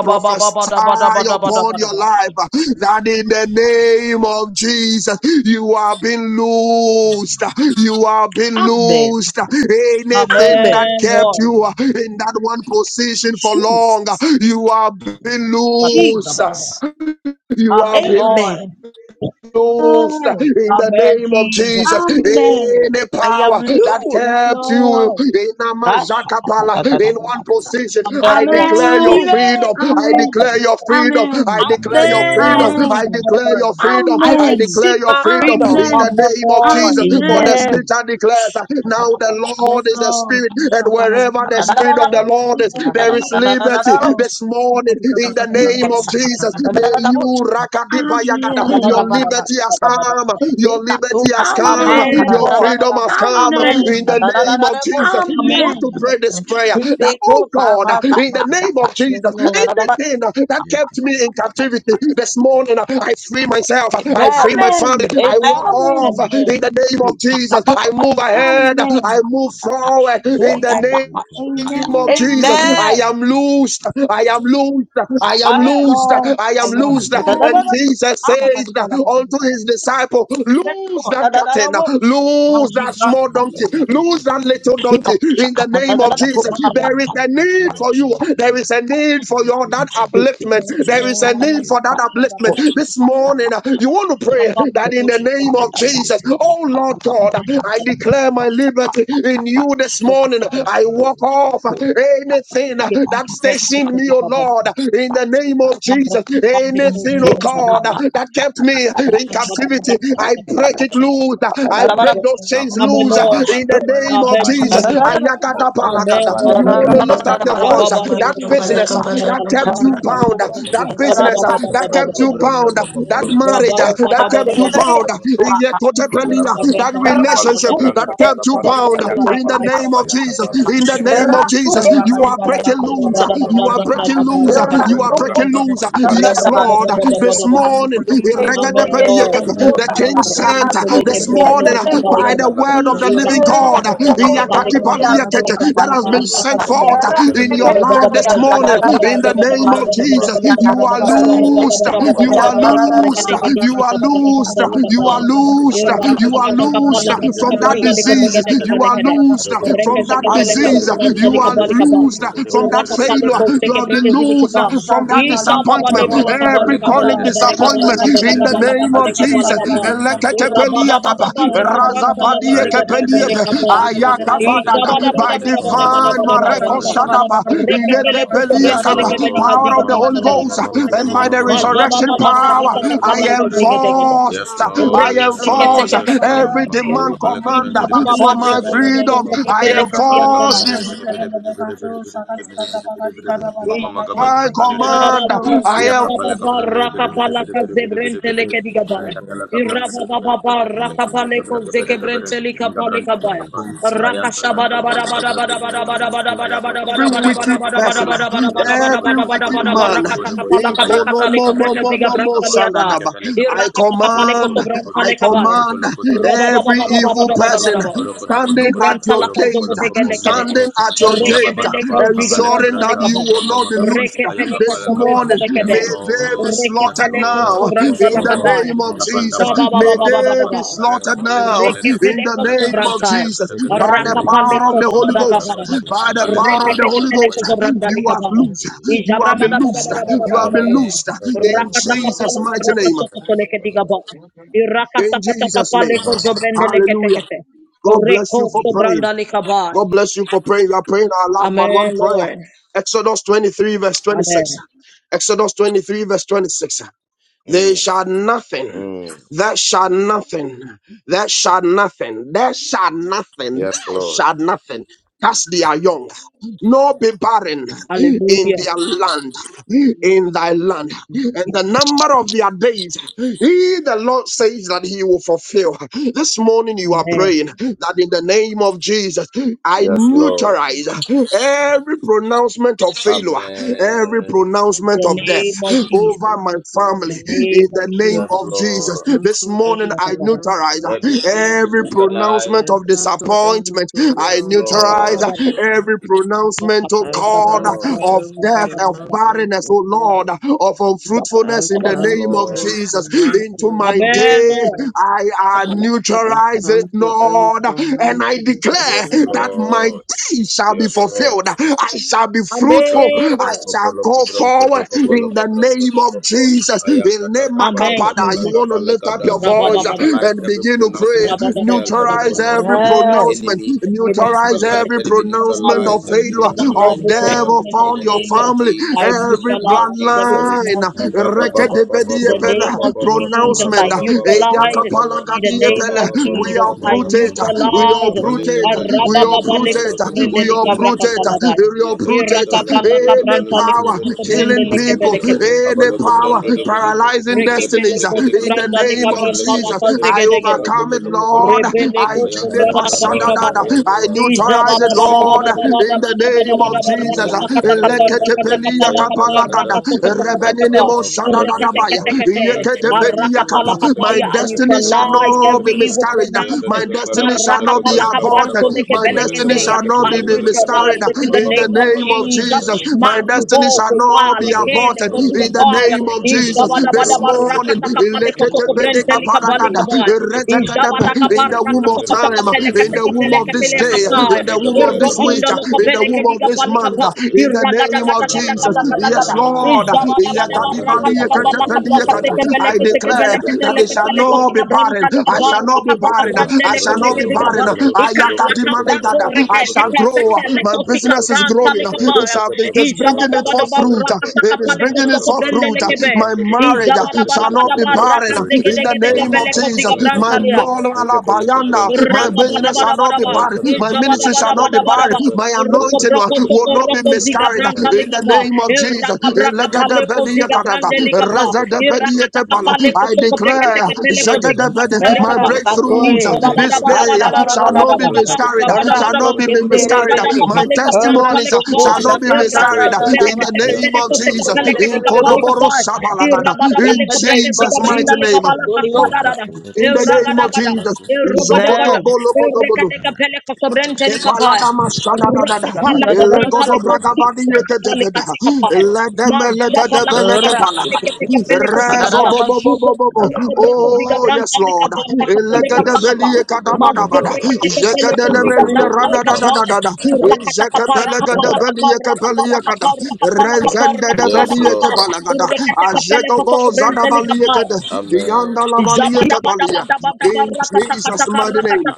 prophesy upon your life uh, that in the name of Jesus you are being loosed. uh, You are being Amen. loosed. uh, Anything Amen. that Amen, kept Lord. you uh, in that one position for long, uh, Jesus. you are being loosed. uh, Shatakadabadaba. Jesus. You are Amen, being Lord. Amen. loosed in the Amen, name of Jesus. Jesus. Amen. Any I am power that Lord. Yes, kept Lord. you in Amazakapala in one position, I'm the I I Lord. declare your receive Amen. freedom. it. I'm I the Amen. declare your Lord. freedom. I Amen. declare your freedom. I'm Amen. the I Amen. declare your freedom. I I Amen. receive declare your my freedom in freedom. Amen. the Amen. name of Lord. Jesus. For the Amen. Amen. scripture declares uh, now the Yes, Lord is the Lord. spirit, and wherever the spirit of the Lord is, there is Yes, liberty Lord. this morning in in the I name Amen. of feel Jesus. myself. May you rakadipa yagada. I'm Your Amen. the liberty has Lord. come. Your liberty has come. Amen, Your Amen. Lord. freedom has come. Amen, In the Amen. Jesus. name of Jesus. You Amen, want to Amen. Lord. pray this prayer that, oh God, in the Amen, name of Yes, Jesus, Lord. anything that kept me in captivity this morning, I free myself. I free my family. Amen. I walk off Amen. in Lord. the name of Jesus. I move ahead. I Amen. move forward in Amen. the Amen. name name of Jesus. Amen. I am loosed. I am loosed. I am Yes, Amen. loosed. Amen. Lord. I I am am loosed. And Jesus says unto Lord. his disciple, Amen, Loose Lord. that Amen. curtain. Amen. Now, Loose that Gibran, small come here. donkey. Loose that little donkey. In the name of Jesus, Now, there is a need for you. There is a need for your that upliftment. There is a need Oh, for that Baba, Baba, upliftment. This morning, uh, you want to pray that in the name of Jesus, oh Lord God, I declare my liberty in you this morning. I walk off Hey, Yakaka anything that stationed me, oh Rafa, Lord, in the name of Amen, Jesus. Anything, oh God, Amen. that kept me in captivity, I break it loose. I break those chains loose Baba Lord. Amen. in baka the baya name of Amen, kabaya Jesus. kabale Jesus. Amen. kabranta da Amen, Ayakadapalagada. kabale Lord. You want to kabranta lift da up your kabale voice. Rababa of That kabranta Jesus. da bada lekotorende business bada that bada. lekapalika kept you Yakara Aya zikaba. bound, kabale that kabalo business koto that koto lo kept you Ishabababababababa. gobronto bound, to that marriage gobronto that kept you bound, Rababababababababa. that Amen. Thank Mama kapale relationship Abrakatatatatata. that Cabranta kept you Takapa, bound in the name Ayakapale name Kapa of Jesus. Yakapa, Rekotekotekoteka. In the name Gebranta of Jesus. Takape, You Mazoko are Toko breaking Toko Rakuhe loose. Boloko You Broko are Bodo, breaking loose. You Yakapale are Ashabadabadabadabadabadabadabadabada. breaking Cabranta, loose. Bale Yes, Cabranta Lord. This Takape, Rababababababababada. Masoko morning, Toko Toko Toko Amen, Toko Toko, Lord. the King Ayakapale Cabranta sent Tepede Rasoleke this Pede Pede brete Pede, morning luka by zalika Amen. the da. Ayatala word of the Cabranta Ira living kata God Takapale kata that kata Cabranta Dobo kata Dobo leke Dobo Dobo brete Dobo. leke si has kata been la kata sent kata. forth in your Rabba life this morning. In the name Mama of Makapa. Jesus, you are Yes, Lord. loosed. Mama You are Makapa. Money loosed. me kutu You are kutu kutu. loosed. Kutu You In kutu are you. kutu kutu kutu loosed. Rakadi kutu You kutu are kutu. the Bide loosed bide name Jesus, of bide from bide that please. bide bide Jesus. bide disease. bide You you bide. are Ada loosed kutu kutu from kutu that bide I'm bide bide disease. lost. You bide are bide bide bide bide bide bide loosed from that bide bide failure. bide bide bide. You have been loosed from that disappointment. Mama Every makapaleka chronic brande de bede bede bede disappointment bede in bede the bede bede name bede of bede Jesus. bede bede mama kabalo Eleketepeliakapa, bede bede bede are gede gede gede razapadiekepeniebe, gede gede gede gede gede ayakabadada, gede gede gede By gede mama divine makapalo Mareko brande de bede Rekepele yes kusobrentele Thank iledebeliakapa, you. kebeli lord power kaziga of mama the mama Holy mama Thank brantelea. mama Ghost and by mama the mama Majaba mama resurrection baba brande power, rakata de bede I kapala bede bede kazege bede degede. enforce, Yakata yes lord Reke I yes seke lord enforce teke yes teke Rakadikadabadaka, pele lord every mama kepea. demand makapaleka command brande Inja de bede baba for bede bande bede my bede bede kusoto freedom, I aya kepele kapaleka kesiata. enforce brande de bede bede bede bede bede bede bede bede bede Mama, mama makapaleka divine brande de bede command. Ya I kapala Ayanta Rakapalaka Zebrenteleke Digabaya. Irababa Rakapaleko Zekebrentelika Palikabaya. Rakashabada every wicked person, every wicked man. Ikonomomomomomosanadaba. I command, I you. command every evil Thank person standing at your gate, standing at your Nda gate, Baba Rekebeleke kapa, ziga kabaleka ensuring bransa that branta, leka you ba. Amen. will not mama be kapa, loosed Aya I Kapa Rekepeleko this ayakapa Kapa morning. Yes, sobrentelekede. May they be Lord. Yes, slaughtered Rekepeleko now Lord. Yes, in the Lord. sobrantalakabaya. name of Jesus. Ngapandaba, Bisaba May baba baba mama baba they Kapa be baba. aya slaughtered Kapa le kapa now le kapa, in the Rekepeleko Aya makapa, ayakapa lekapa lekapa. Arakata name of kata sobrantaya. kata Jesus kata by kata the kata kata. power of Rakapaleko Baleka the Holy Kapa Ghost. takapa, sodagabaya. By the baleka power of the branta Holy Kapa Rekepeleko Ghost, you have sobrandalikabaya. loosed. You have been Ijabramada baba loosed. baba baba baba You have baba been baba. Amen. loosed in Jesus' Rakatakapala mighty kabraka name. sokotolekedigabaya. In Jesus' name. Irakasakatakapaleko Hallelujah. zobrendeleketekete. God bless you Reko for praying. sobrandalikabaya. God bless you for praying. We are praying our last but one Amen, prayer. Lord. Exodus 23, verse 26. Amen. Exodus 23, verse 26. They Mm, shall nothing. mm. That shall nothing. That shall nothing. That shall nothing. Yes, That Lord. shall nothing. Cast their young, nor be barren in Hallelujah. their land, in thy land, Yeah. and the number of their days he, the Lord, says that He will fulfill. This morning you are Amen. praying that in the name of Jesus, I Yes, Lord. neutralize every pronouncement of failure, every Amen. pronouncement The of death name of Jesus. over my family The in name of the name Yes, of Jesus. Jesus. Lord. This cancel morning every I neutralize pronouncement Let of it, let it be feeling. every pronouncement I neutralized. of cancel every disappointment. I Yes, pronouncement of neutralize Lord. criticism. every pronouncement, oh I Yes, God, Lord. cancel of every death, of pronouncement barrenness, of oh Lord, failure. of I unfruitfulness in the Yes, name cancel of Lord. every Jesus. Into pronouncement my of Amen, day, Lord. disappointment. I uh, Amen, I neutralize it, cancel every Lord, and I pronouncement of declare Yes, failure. that my Lord. day shall be Yes, Lord. fulfilled. I shall be fruitful. Mashoto toto I Lord. shall kopolo go kobron toto forward kopolo in the kobron name toto of kopo. Jesus. Ayan In tata name kapale Amen, Makapada, kapala you Jesus. want to kapale lift up kabra. your I voice neutralize and every begin to pray. pronouncement of hell, every Neutralize every pronouncement of the Yes. pronouncement. enemy the name of against my Jesus Neutralize life. Christ, every Let I it be pronouncement neutralize, of neutralized. I Let it be failure, neutralize neutralized, of every death Lord. pronouncement of In upon the your name failure. you. of family, I Jesus. In the every name of neutralize every Jesus. Rekala Abba bloodline. pronouncement of setback. In the Rekedebediepele, name of Jesus, I pronouncement. neutralize it. In the name Eyakapalagadiepele, of We Jesus, I uproot it. We neutralize it. uproot it. We uproot it. We uproot it. Arabababalekosubrendelekabrakasalabai. We uproot it. Any power You killing people, Irakabalakabrantalekosubrendelekebelekebe. any power Ayanta paralyzing destinies. In the name of Jesus, I Rekepelekosubrandalikabrantalakazegedegede. overcome it, Lord. I Rebeleko kill it, sobrana babika ba. Pashadadada. I Ija ba neutralize it, baba baba Lord. baba baba baba In baba the name baba of ba ba ba Jesus, rakata kata kata rakata kata Eleketepelia la kata kapalakada. rakata Thank kata kata kata Rebenenemo rekate shadadadabaya. kate kate Yeketepelia maraka kapa. pala My kapaya I destiny shall neutralize not be every evil miscarried. pronouncement My destiny shall maraka not be pala kabranto aborted. leke My beleke destiny are zeya shall not I be, be fire miscarried. neutralize it in the In the name of name of Jesus Jesus, my destiny shall mariboko ba not and be leke aborted. leko tu In the ba ya name of Thank ija Jesus, baba you. baba baba this Orokoto morning, rakata kapa leko soko brente lika ba eleketepelikapalakada. Eretekadebe. Ijabadaka in the baraka womb of soko time, soko peleke in the seke womb of peleke this teleka day, pa. in the womb womb of this week, Irobondo uh, loko in the womb beleke of diga this balika month, ba. uh, in the Iraga name daga of daga daga Jesus. daga daga Yes, da. Lord. Ijabadaba daba raka daga balaka braka seke I beleke seke declare beleke that it teleke shall you. teleke not be sika barren. branta lika I ba. shall not be Raka daga barren. Rapalokotokotokoto, brande I leko shall not Makosia breke be sika pala ba. barren. pala pala Rokotokotokoto, I pala Ika laka pala branto pala yakadimanigada. pala I reke shall teke Rokotokotokotokoto, pala grow. teke My leko sika Rokotokotokoto, business is pele ke branta growing. lika pele It, ba. shall, be- Gabrantakato, it ala is kata bringing pala it Ijabadaba forth daba fruit. raka Ayantatakapalekapa, saka It is paleko bringing it soko forth Ayantatakapa, brende fruit. leke be. My Alekabranta, marriage shall not be Izabadabadabadaba, barren. pala reka In pa the pa name pa pa of pa pa pa pa Jesus. pa My pa rakazegedegedegepelekozigebrantalia, Ayantatakapalekabranta, stand now. Gabalekabranta, pa My business Tente, shall not be rakabadabadabadaba, barred. My ministry pa shall not be barred. izabadabadabadabadaba, Ayantatakapalekabranta, Yes, My anointing uh, will not be miscarried. uh, In the rokobrokosokorokobzigabrantalikaba, name of Jesus. irakabrakapalekozigabrandelikaba, I declare, In my irakatakapalekosokobreketekepelekozigabrantalikaba, the breakthroughs uh, this day uh, izabadabadabadaba, pa shall not be rabadabadaba, pa miscarried. uh, Shall rabadabadaba, not pa be miscarried. uh, My Ragadagapaleka testimonies uh, shall brantolekabai. not Hallelujah. be miscarried. uh, In the name of Jesus. In Kodoboro Irakatokopelekesekapekosekapeleketikapalikapa. Shabalagada. In name Jesus' of mighty Jesus, name. Holy Irabadabalekobrekezikabrandalekabalakashadadada. In the Ghost. name of Iragadagada. Jesus. Zokoto Irogadagada. Amen. bolo kodo Irekadekapelekosobrentelikabai. Epaladama shadadadada. Amen. Elegodo bragabadi yekedebeda. In Rakapalakabrantalekosikabrakapalikasikapai. the Eledemelekadebeleke palakata. Majapalakaparakseketekepelekosikapa. Rezo bo bo bo bo bo bo. Oh, yes, Lord. Irokopelokobrekazigabrantalikabarakapalekasakapa. Elegedebeli yekadabadabada. Yeah, Yekedelemeli yeradadadadada. Yekepelegedebeli yekepeli yekada. Rezendedebedi Lord. yekepalagada. Ajegogo zadabali yekede. In Amen. Yandalabali yekepalia. In Jesus' mighty name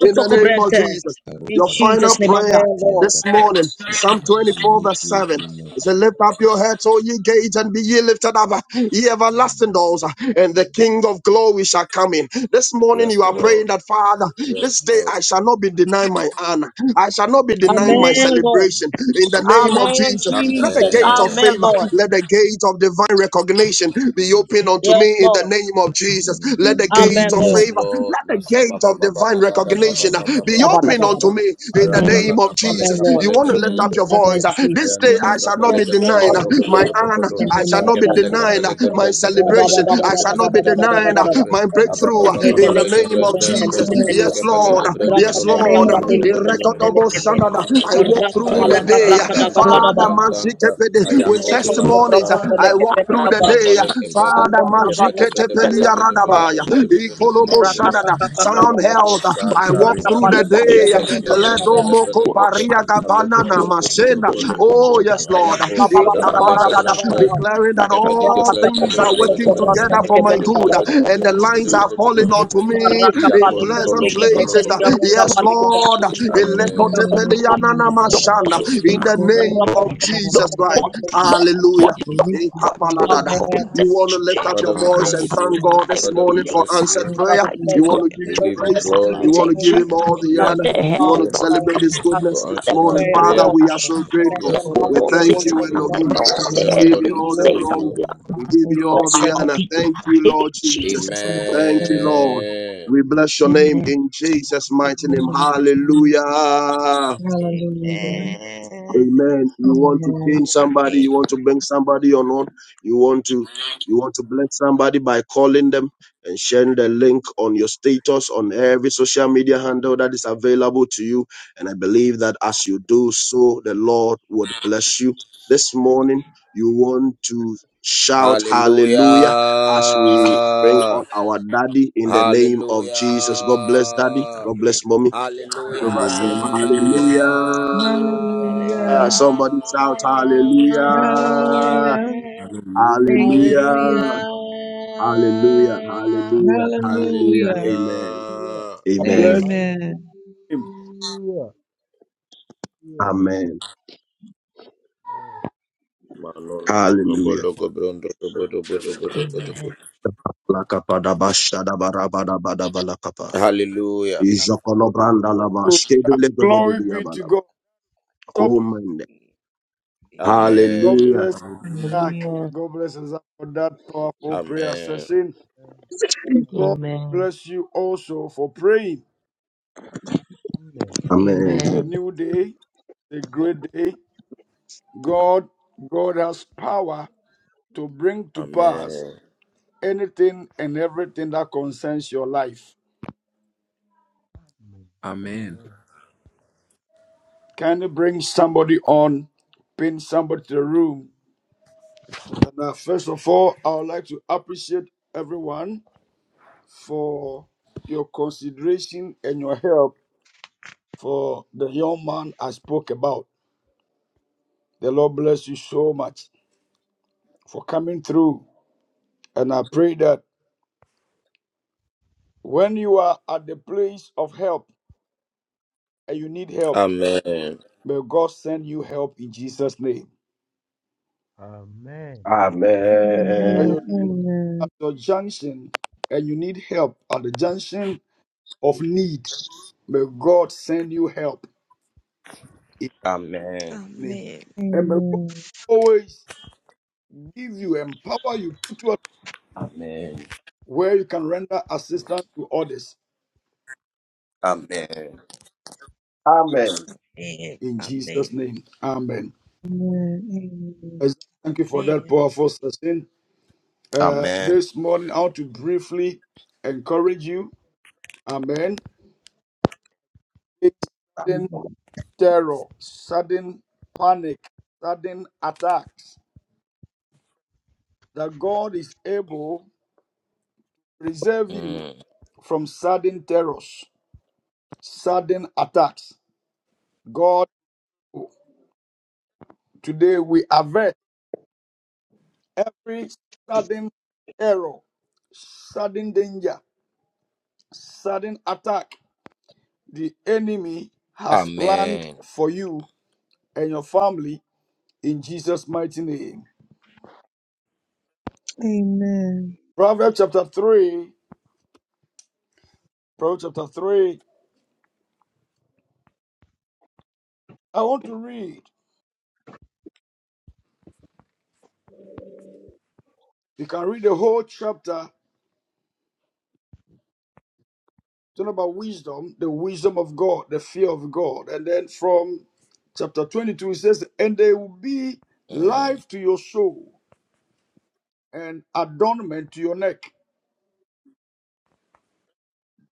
in the name of Jesus. Your Jesus' final name, Amen. prayer Amen, Lord. this morning, Psalm 24, verse 7. it said, lift up your heads, O ye gates, and be ye lifted up, ye everlasting doors, and the King of glory shall come in. This morning Yes, you are praying Lord. that, Father, Yes, this day Lord. I shall not be denied my honor. I shall not be denied my Amen. Amen, name of Lord. celebration. In Jesus, the name of Amen. Amen, Jesus, let the Jesus. gate of Amen. Amen, favor, Yakata, Lord. let the gate of divine recognition be yes, open unto Yes, Lord. me in the Lord. name of Jesus. In the Let the name of gate Amen, Jesus, of Lord. Yes, favor let Lord. the Mashaba gate ba of ba ba ba divine ba ba ba ba ba recognition uh, ba Amen. ba be ba ba open ba. ba. unto Amen, me in the Amen. Ayanta la name of kapale Jesus. Lord. You kapale want to lift kepele up Amen. your kebrente. Amen, voice. uh, Yakata, This Jesus. day Ayanta la I Amen. shall not kapale be Yes, kebrento denying uh, toko Look at my toko your life, toko honor. In to. look, the I look, name shall look. of not be In Kepele the Jesus. denying kepele uh, name of my kebrente de de de Jesus, Rakapale, de celebration. de de I I shall stand not be de de de de de with you. de denying uh, de de. Lord, de. my my Aba ba breakthrough uh, ba Lord. breakthrough, in the kapale name of kebrente. my Yes, Jesus. Lord. walker. Yes, In It's Kepele the Lord. uh, like mighty kebrento no In Yes, name no the no of no Lord. name no uh, of no Jesus, no Jesus. no I no stand no up no with Irrecognizable the no standard, no Lord, uh, no I no. my walk contacted through the Ayan tan day. uh, tan the tan creators Father, tan tan ta. Mazikepede, Aya Then with ko the sha who gates at ta of the ta testimonies, uh, time ta honor, ta. I walk are through Aya the ka day. uh, paale young. ke pe. Father, Ke pe de pe mazikete de the pe de pelia pe de lights. pe de pe de radabaya, Lord, pe de pe de pe de ikolobo the pe de. darkness, shandada, Ama sound will ama not ko health. sha shadow I ta me. walk ta. through the Neither they Ke day. know pele ke light brunt ta Ledo Rakapale, ta moko pele will ke not pe. paria shadow A logo me. name gabanana of No bronto one toko masena. will po logo shadow po. Oh me. yes, Aya Lord. I ko sha ta carry my paale ke Ikabalagada, protector. brunt. own Declaring my that Ke pe shot de ke is all in brunt ta the things de pe are de Face pe de working pe de pe unicorn, de together pe for my de and pe de good, God pe de pe has and de the blessed lines me. Jesus. are pe de falling pe de. onto Then Be me Iya in ko praying, to pleasant push logo to places. the logo bronto gates of Yes, toko Nobody po. will honor, Lord. the touch gates of In the Amen. Ame. Elekote honor, name my of pelia glory. nana Jesus, mashana, Nobody people will we In mask the pray my name about of glory. Jesus Christ. Sakaranga. Nobody, Hallelujah. nobody, We lift can you to nobody the will Lord Ikabaladada. go and to You want us. to lift up church your Father, we voice alive. and bless you. thank Lord. God I this Father, we morning for release. bless answered you. Thank And I you, prayer. I will bless take You Jesus. want control. your to give name, We Him O give you Lord. praise. I We give You glory. want you take to give charge glory. Him all Thank the We Thank of are you, the honor. you, You head Lord. God, want to and grateful not the that celebrate you top. His Of ask goodness for this the our answering our morning. first Thank and prayers, you, not Father, the Lord. prayer. we Father. are last. so Bless Thank you, grateful. I Yes, and hope help We Lord. Lord, we all your thank six holy worship you, times. name, We you. Lord. I want Elohim. to know call what the the We Yes, give noise, Lord, enemy We you give we you all the says. glory, praise glory. you. Lord. I We am. give thank We you you Oh, all for your bless the your I'll name. mercy. honor. be Thank there. you, in Lord Thank Jesus. you Jesus. for the help Thank you, Lord. Amen. We bless your name name. in Jesus' In mighty name. the name of Jesus. Hallelujah. Hallelujah. Amen. Amen. Amen. You want to Amen. pin somebody, you want to bring somebody on on, you want to you want to bless somebody by calling them and sharing the link on your status on every social media handle that is available to you. And I believe that as you do so, the Lord would bless you. This morning, you want to shout hallelujah as we bring Hallelujah. on our daddy in the name of Jesus. God bless daddy. Hallelujah. God Amen. bless mommy. Hallelujah. Jehovah said, Hallelujah. Hallelujah. Hallelujah. Hallelujah. Somebody shout hallelujah. Hallelujah. Thank you, Hallelujah. Hallelujah. Jesus. Hallelujah. Hallelujah. Hallelujah. Hallelujah. Hallelujah. Hallelujah. Amen. Hallelujah. Hallelujah. God Amen. bless Amen. Amen. him. Hallelujah. Yeah. Amen. Amen. Hallelujah. Amen. Hallelujah. Lakapadabashadabarabadabalakapa. Ijokolobrandalaba. Oh, Glory be to Skebelegodibidiyabalaba. God. Stop. Komende. Amen. God Amen. Hallelujah. bless Hallelujah. Zach. Hallelujah. God bless Zach for that powerful prayer Amen. session. Amen. God Amen. bless you also for praying. Amen. Amen. It's a new day, a great day. God, God has power to bring to pass Amen. anything and everything that concerns your life. Amen. Amen. Can you bring somebody on? Pin somebody to the room. Now, first of all, I would like to appreciate everyone for your consideration and your help for the young man I spoke about. The Lord bless you so much for coming through. And I pray that when you are at the place of help and you need help, Amen. may God send you help in Jesus' name. Amen. Amen. When Amen. you're Amen. at your junction and you need help at the junction of need, may God send you help in Amen. His name. Amen. And may God Amen. always give you, empower you, put you where you can render assistance to others Amen. Amen. Amen. in Jesus' Amen. name. Amen. Amen. Amen. Yes, Thank you for that Amen. powerful session. Amen. Uh, Amen. this morning, I want to briefly encourage you. Amen. It's sudden terror, sudden panic, sudden attacks, that God is able to preserve you Mm. from sudden terrors, sudden attacks. God, today we avert every sudden error, sudden danger sudden attack the enemy has planned Amen. for you and your family in Jesus' mighty name. Amen. Proverbs chapter 3, Proverbs chapter 3. I want to read. You can read the whole chapter talking about wisdom, the wisdom of God, the fear of God. And then from chapter 22, it says, And they will be life to your soul and adornment to your neck.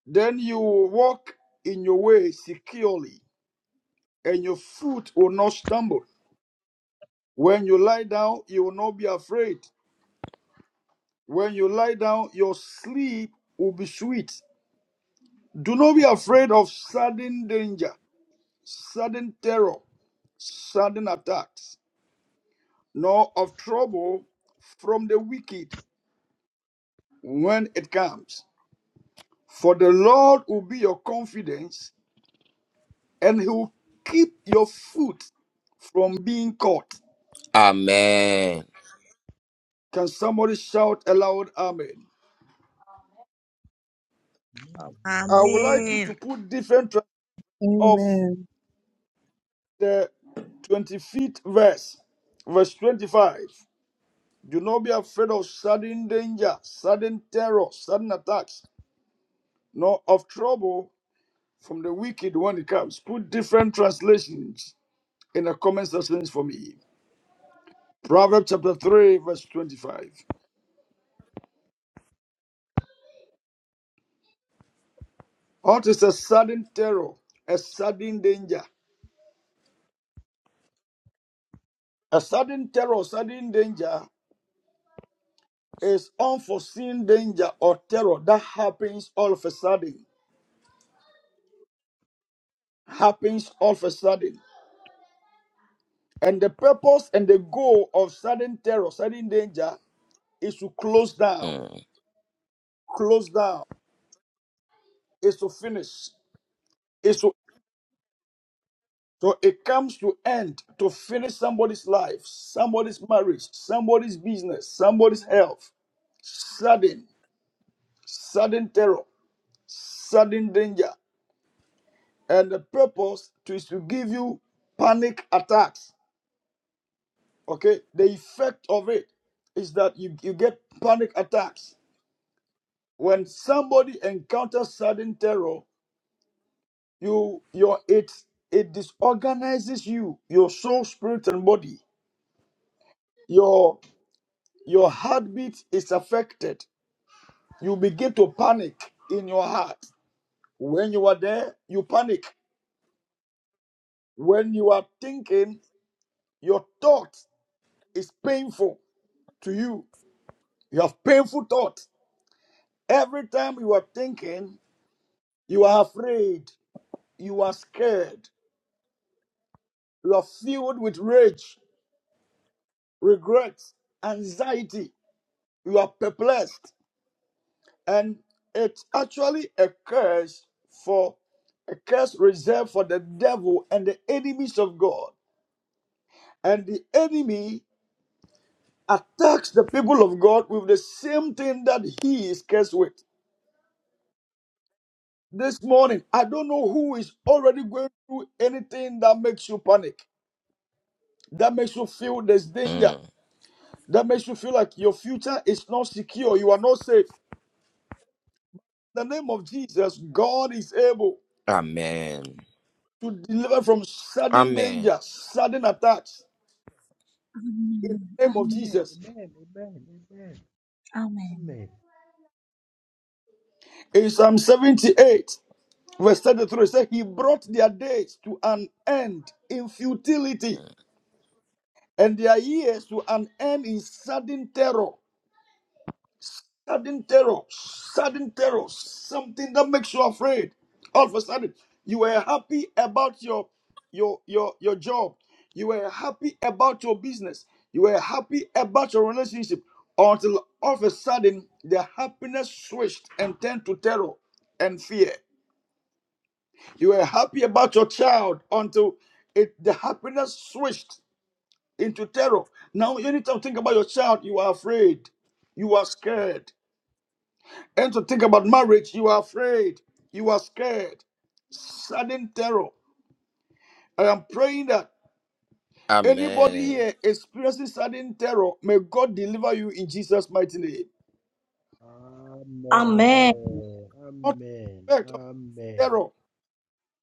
Then you will walk in your way securely and your foot will not stumble. When you lie down, you will not be afraid. When you lie down, your sleep will be sweet. Do not be afraid of sudden danger, sudden terror, sudden attacks, nor of trouble from the wicked when it comes. For the Lord will be your confidence, and he will keep your foot from being caught. Amen. Can somebody shout aloud, Amen? Am- I Amen. would like you to put different of Amen. the 25th verse, verse 25. Do not be afraid of sudden danger, sudden terror, sudden attacks, nor of trouble from the wicked when it comes. Put different translations in the comment sections for me. Proverbs chapter 3, verse 25. What is a sudden terror, a sudden danger? A sudden terror, sudden danger is unforeseen danger or terror that happens all of a sudden happens all of a sudden. And the purpose and the goal of sudden terror, sudden danger is to close down, Mm. close down, is to finish, is to so it comes to end to finish somebody's life, somebody's marriage, somebody's business, somebody's health. Sudden, sudden terror, sudden danger. And the purpose to- is to give you panic attacks. Okay, the effect of it is that you, you get panic attacks when somebody encounters sudden terror, you your it it disorganizes you, your soul, spirit, and body. Your your heartbeat is affected. You begin to panic in your heart. When you are there, you panic. When you are thinking, your thought is painful to you. You have painful thoughts. Every time you are thinking, you are afraid, you are scared, you are filled with rage regret, anxiety. You are perplexed. And it's actually a curse for a curse reserved for the devil and the enemies of God. And the enemy attacks the people of God with the same thing that he is cursed with. This morning, I don't know who is already going through anything that makes you panic, that makes you feel there's danger, that makes you feel like your future is not secure, you are not safe. the name of Jesus, God is able Amen. to deliver from sudden Amen. danger, sudden attacks. In the name of Amen. Jesus. Amen. Amen. Amen. In Psalm 78, verse 33, it says, He brought their days to an end in futility, and their years to an end in sudden terror. sudden terror, sudden terror, something that makes you afraid. All of a sudden, you were happy about your your your your job, you were happy about your business, you were happy about your relationship, until all of a sudden the happiness switched and turned to terror and fear. You were happy about your child until it the happiness switched into terror. Now, anytime you think about your child, you are afraid, you are scared. And to think about marriage, you are afraid, you are scared, sudden terror. I am praying that anybody Amen. here experiencing sudden terror, may God deliver you in Jesus' mighty name. Amen. Amen. Amen. Amen. Amen. Amen. Amen. What effect of Amen. terror?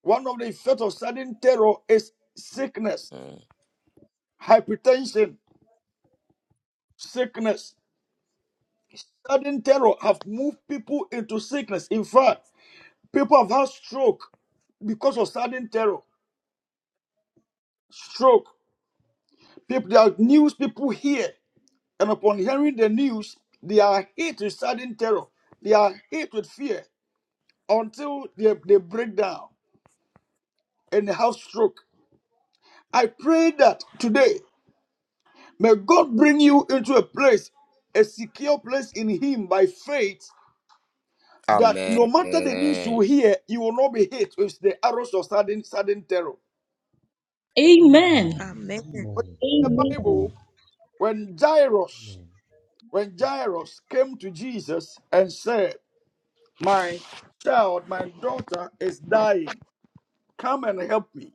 One of the effects of sudden terror is sickness, Mm. hypertension, sickness. Sudden terror have moved people into sickness. In fact, people have had stroke because of sudden terror. Stroke. People, there are news people here. And upon hearing the news, they are hit with sudden terror. They are hit with fear until they, they break down and they have stroke. I pray that today, may God bring you into a place, a secure place in Him by faith, that no matter the news you Amen. hear, you will not be hit with the arrows of sudden, sudden terror. Amen. Amen. But Amen. in the Bible, Amen. when Jairus, when Jairus came to Jesus and said, My child, my daughter is dying. Come and help me.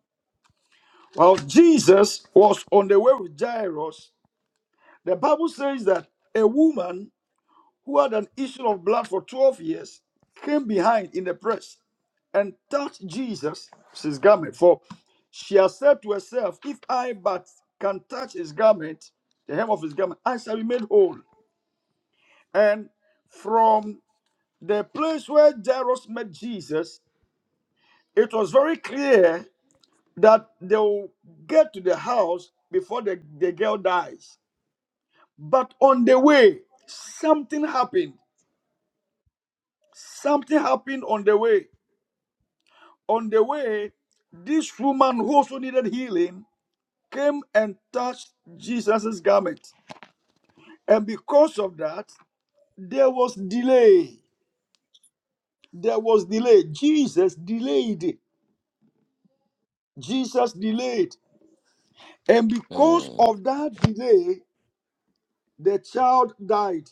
While Jesus was on the way with Jairus, the Bible says that a woman who had an issue of blood for 12 years came behind in the press and touched Jesus' his garment. For she had said to herself, If I but can touch his garment, the hem of his garment, I shall be made whole. And from the place where Jairus met Jesus, it was very clear that they will get to the house before the, the girl dies. But on the way, something happened. Something happened on the way. On the way, this woman who also needed healing came and touched Jesus' garment. And because of that, there was delay. There was delay. Jesus delayed. Jesus delayed. And because Mm. of that delay, the child died.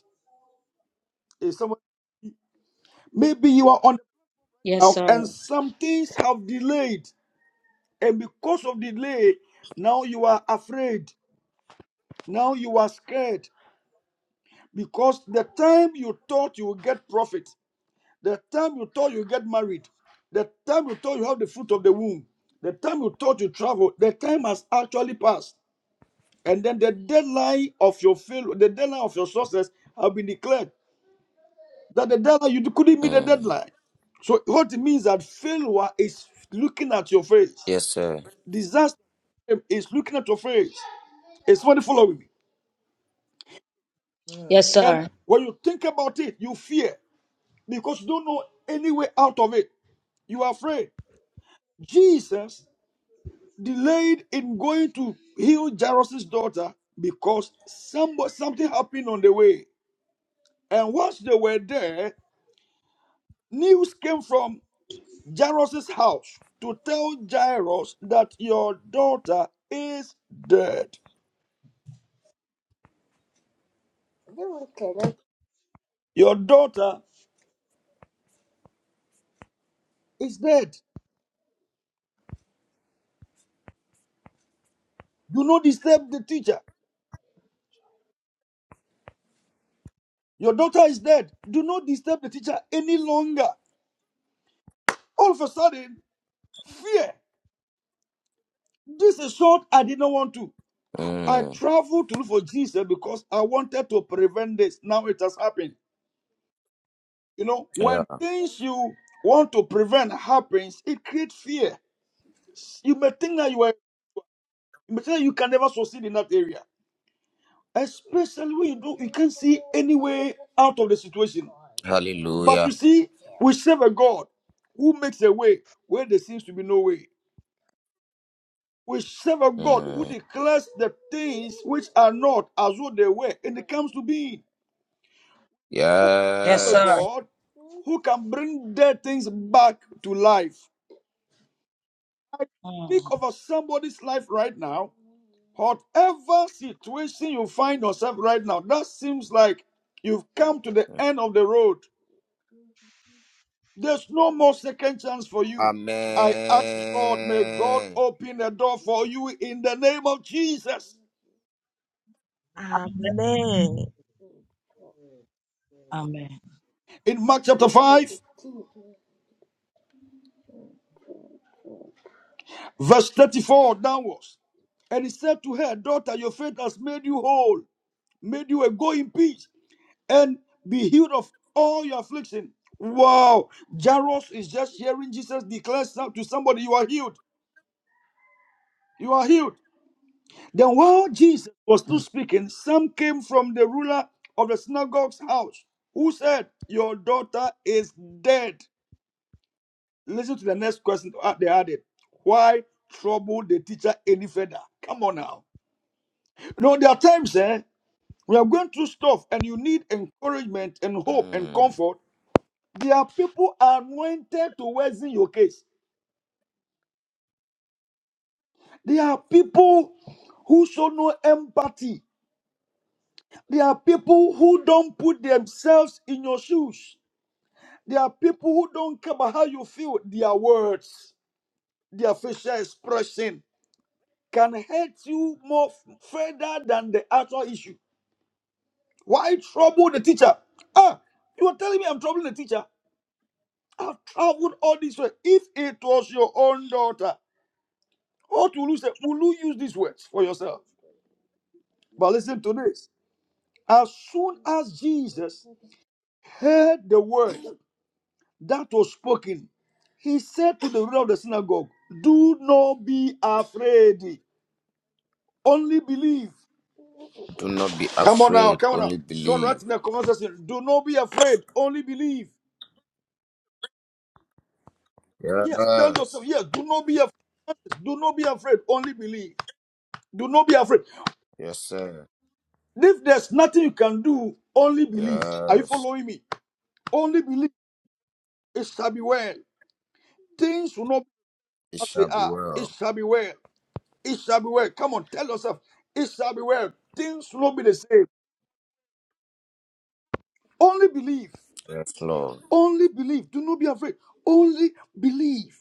Is someone- maybe you are on Yes, Now, sir. and some things have delayed, and because of delay, now you are afraid, now you are scared, because the time you thought you would get profit, the time you thought you would get married, the time you thought you have the fruit of the womb, the time you thought you travel, the time has actually passed, and then the deadline of your fail, the deadline of your success have been declared. That the deadline you couldn't meet the Mm. deadline. So what it means that failure is looking at your face. Yes, sir. Disaster is looking at your face. It's funny following me. Yes, And sir. when you think about it, you fear because you don't know any way out of it. You are afraid. Jesus delayed in going to heal Jairus' daughter because some, something happened on the way. And once they were there, news came from Jairus' house to tell Jairus that your daughter is dead. Your daughter is dead. Do not disturb the teacher. Your daughter is dead. Do not disturb the teacher any longer. All of a sudden, fear. This is short. I didn't want to. I Mm. traveled to look for Jesus because I wanted to prevent this. Now it has happened. You know, Yeah. when things you want to prevent happens, it creates fear. You may think that you are, you may think that you can never succeed in that area, especially when you do you can't see any way out of the situation. But you Hallelujah. see, we serve a God who makes a way where there seems to be no way. We serve a God who Mm. declares the things which are not as though they were, and it comes to being. We serve Yes, a sir. Yes. God who can bring dead things back to life. I Mm. speak over somebody's life right now. Whatever situation you find yourself right now, that seems like you've come to the end of the road. There's no more second chance for you. I ask God, may God Amen. open the door for you in the name of Jesus. Amen. Amen. Amen. In Mark chapter 5, verse 34 downwards. And he said to her, Daughter, your faith has made you whole, made you a go in peace, and be healed of all your affliction. Wow. Jairus is just hearing Jesus declare some- to somebody, You are healed. You are healed. Then while Jesus was still speaking, some came from the ruler of the synagogue's house who said, Your daughter is dead. Listen to the next question uh, they added. Why trouble the teacher any further? Come on now. You there are times eh, we are going through stuff and you need encouragement and hope and comfort. There are people anointed to worsen your case. There are people who show no empathy. There are people who don't put themselves in your shoes. There are people who don't care about how you feel. Their words, their facial expression can hurt you more f- further than the actual issue. Why trouble the teacher? Ah, you are telling me I'm troubling the teacher. I've traveled all this way. If it was your own daughter, what will you say? Will you use these words for yourself? But listen to this. As soon as Jesus heard the word, that was spoken, he said to the ruler of the synagogue, Do not be afraid, only believe. Do not be Come on now, afraid, come on now. only Someone right believe. in the comment section, do not be afraid, only believe. Yes, tell yourself, Yes. yes, do not be afraid, do not be afraid, only believe. Do not be afraid. Yes, sir. If there's nothing you can do, only believe. Are you Yes. following me? Only believe, it shall be well. Things will not be It as they shall be are, it well. shall be well. It shall be well. Come on, tell yourself, it shall be well. Things will not be the same. Only believe. Yes, Lord. Only believe. Do not be afraid. Only believe.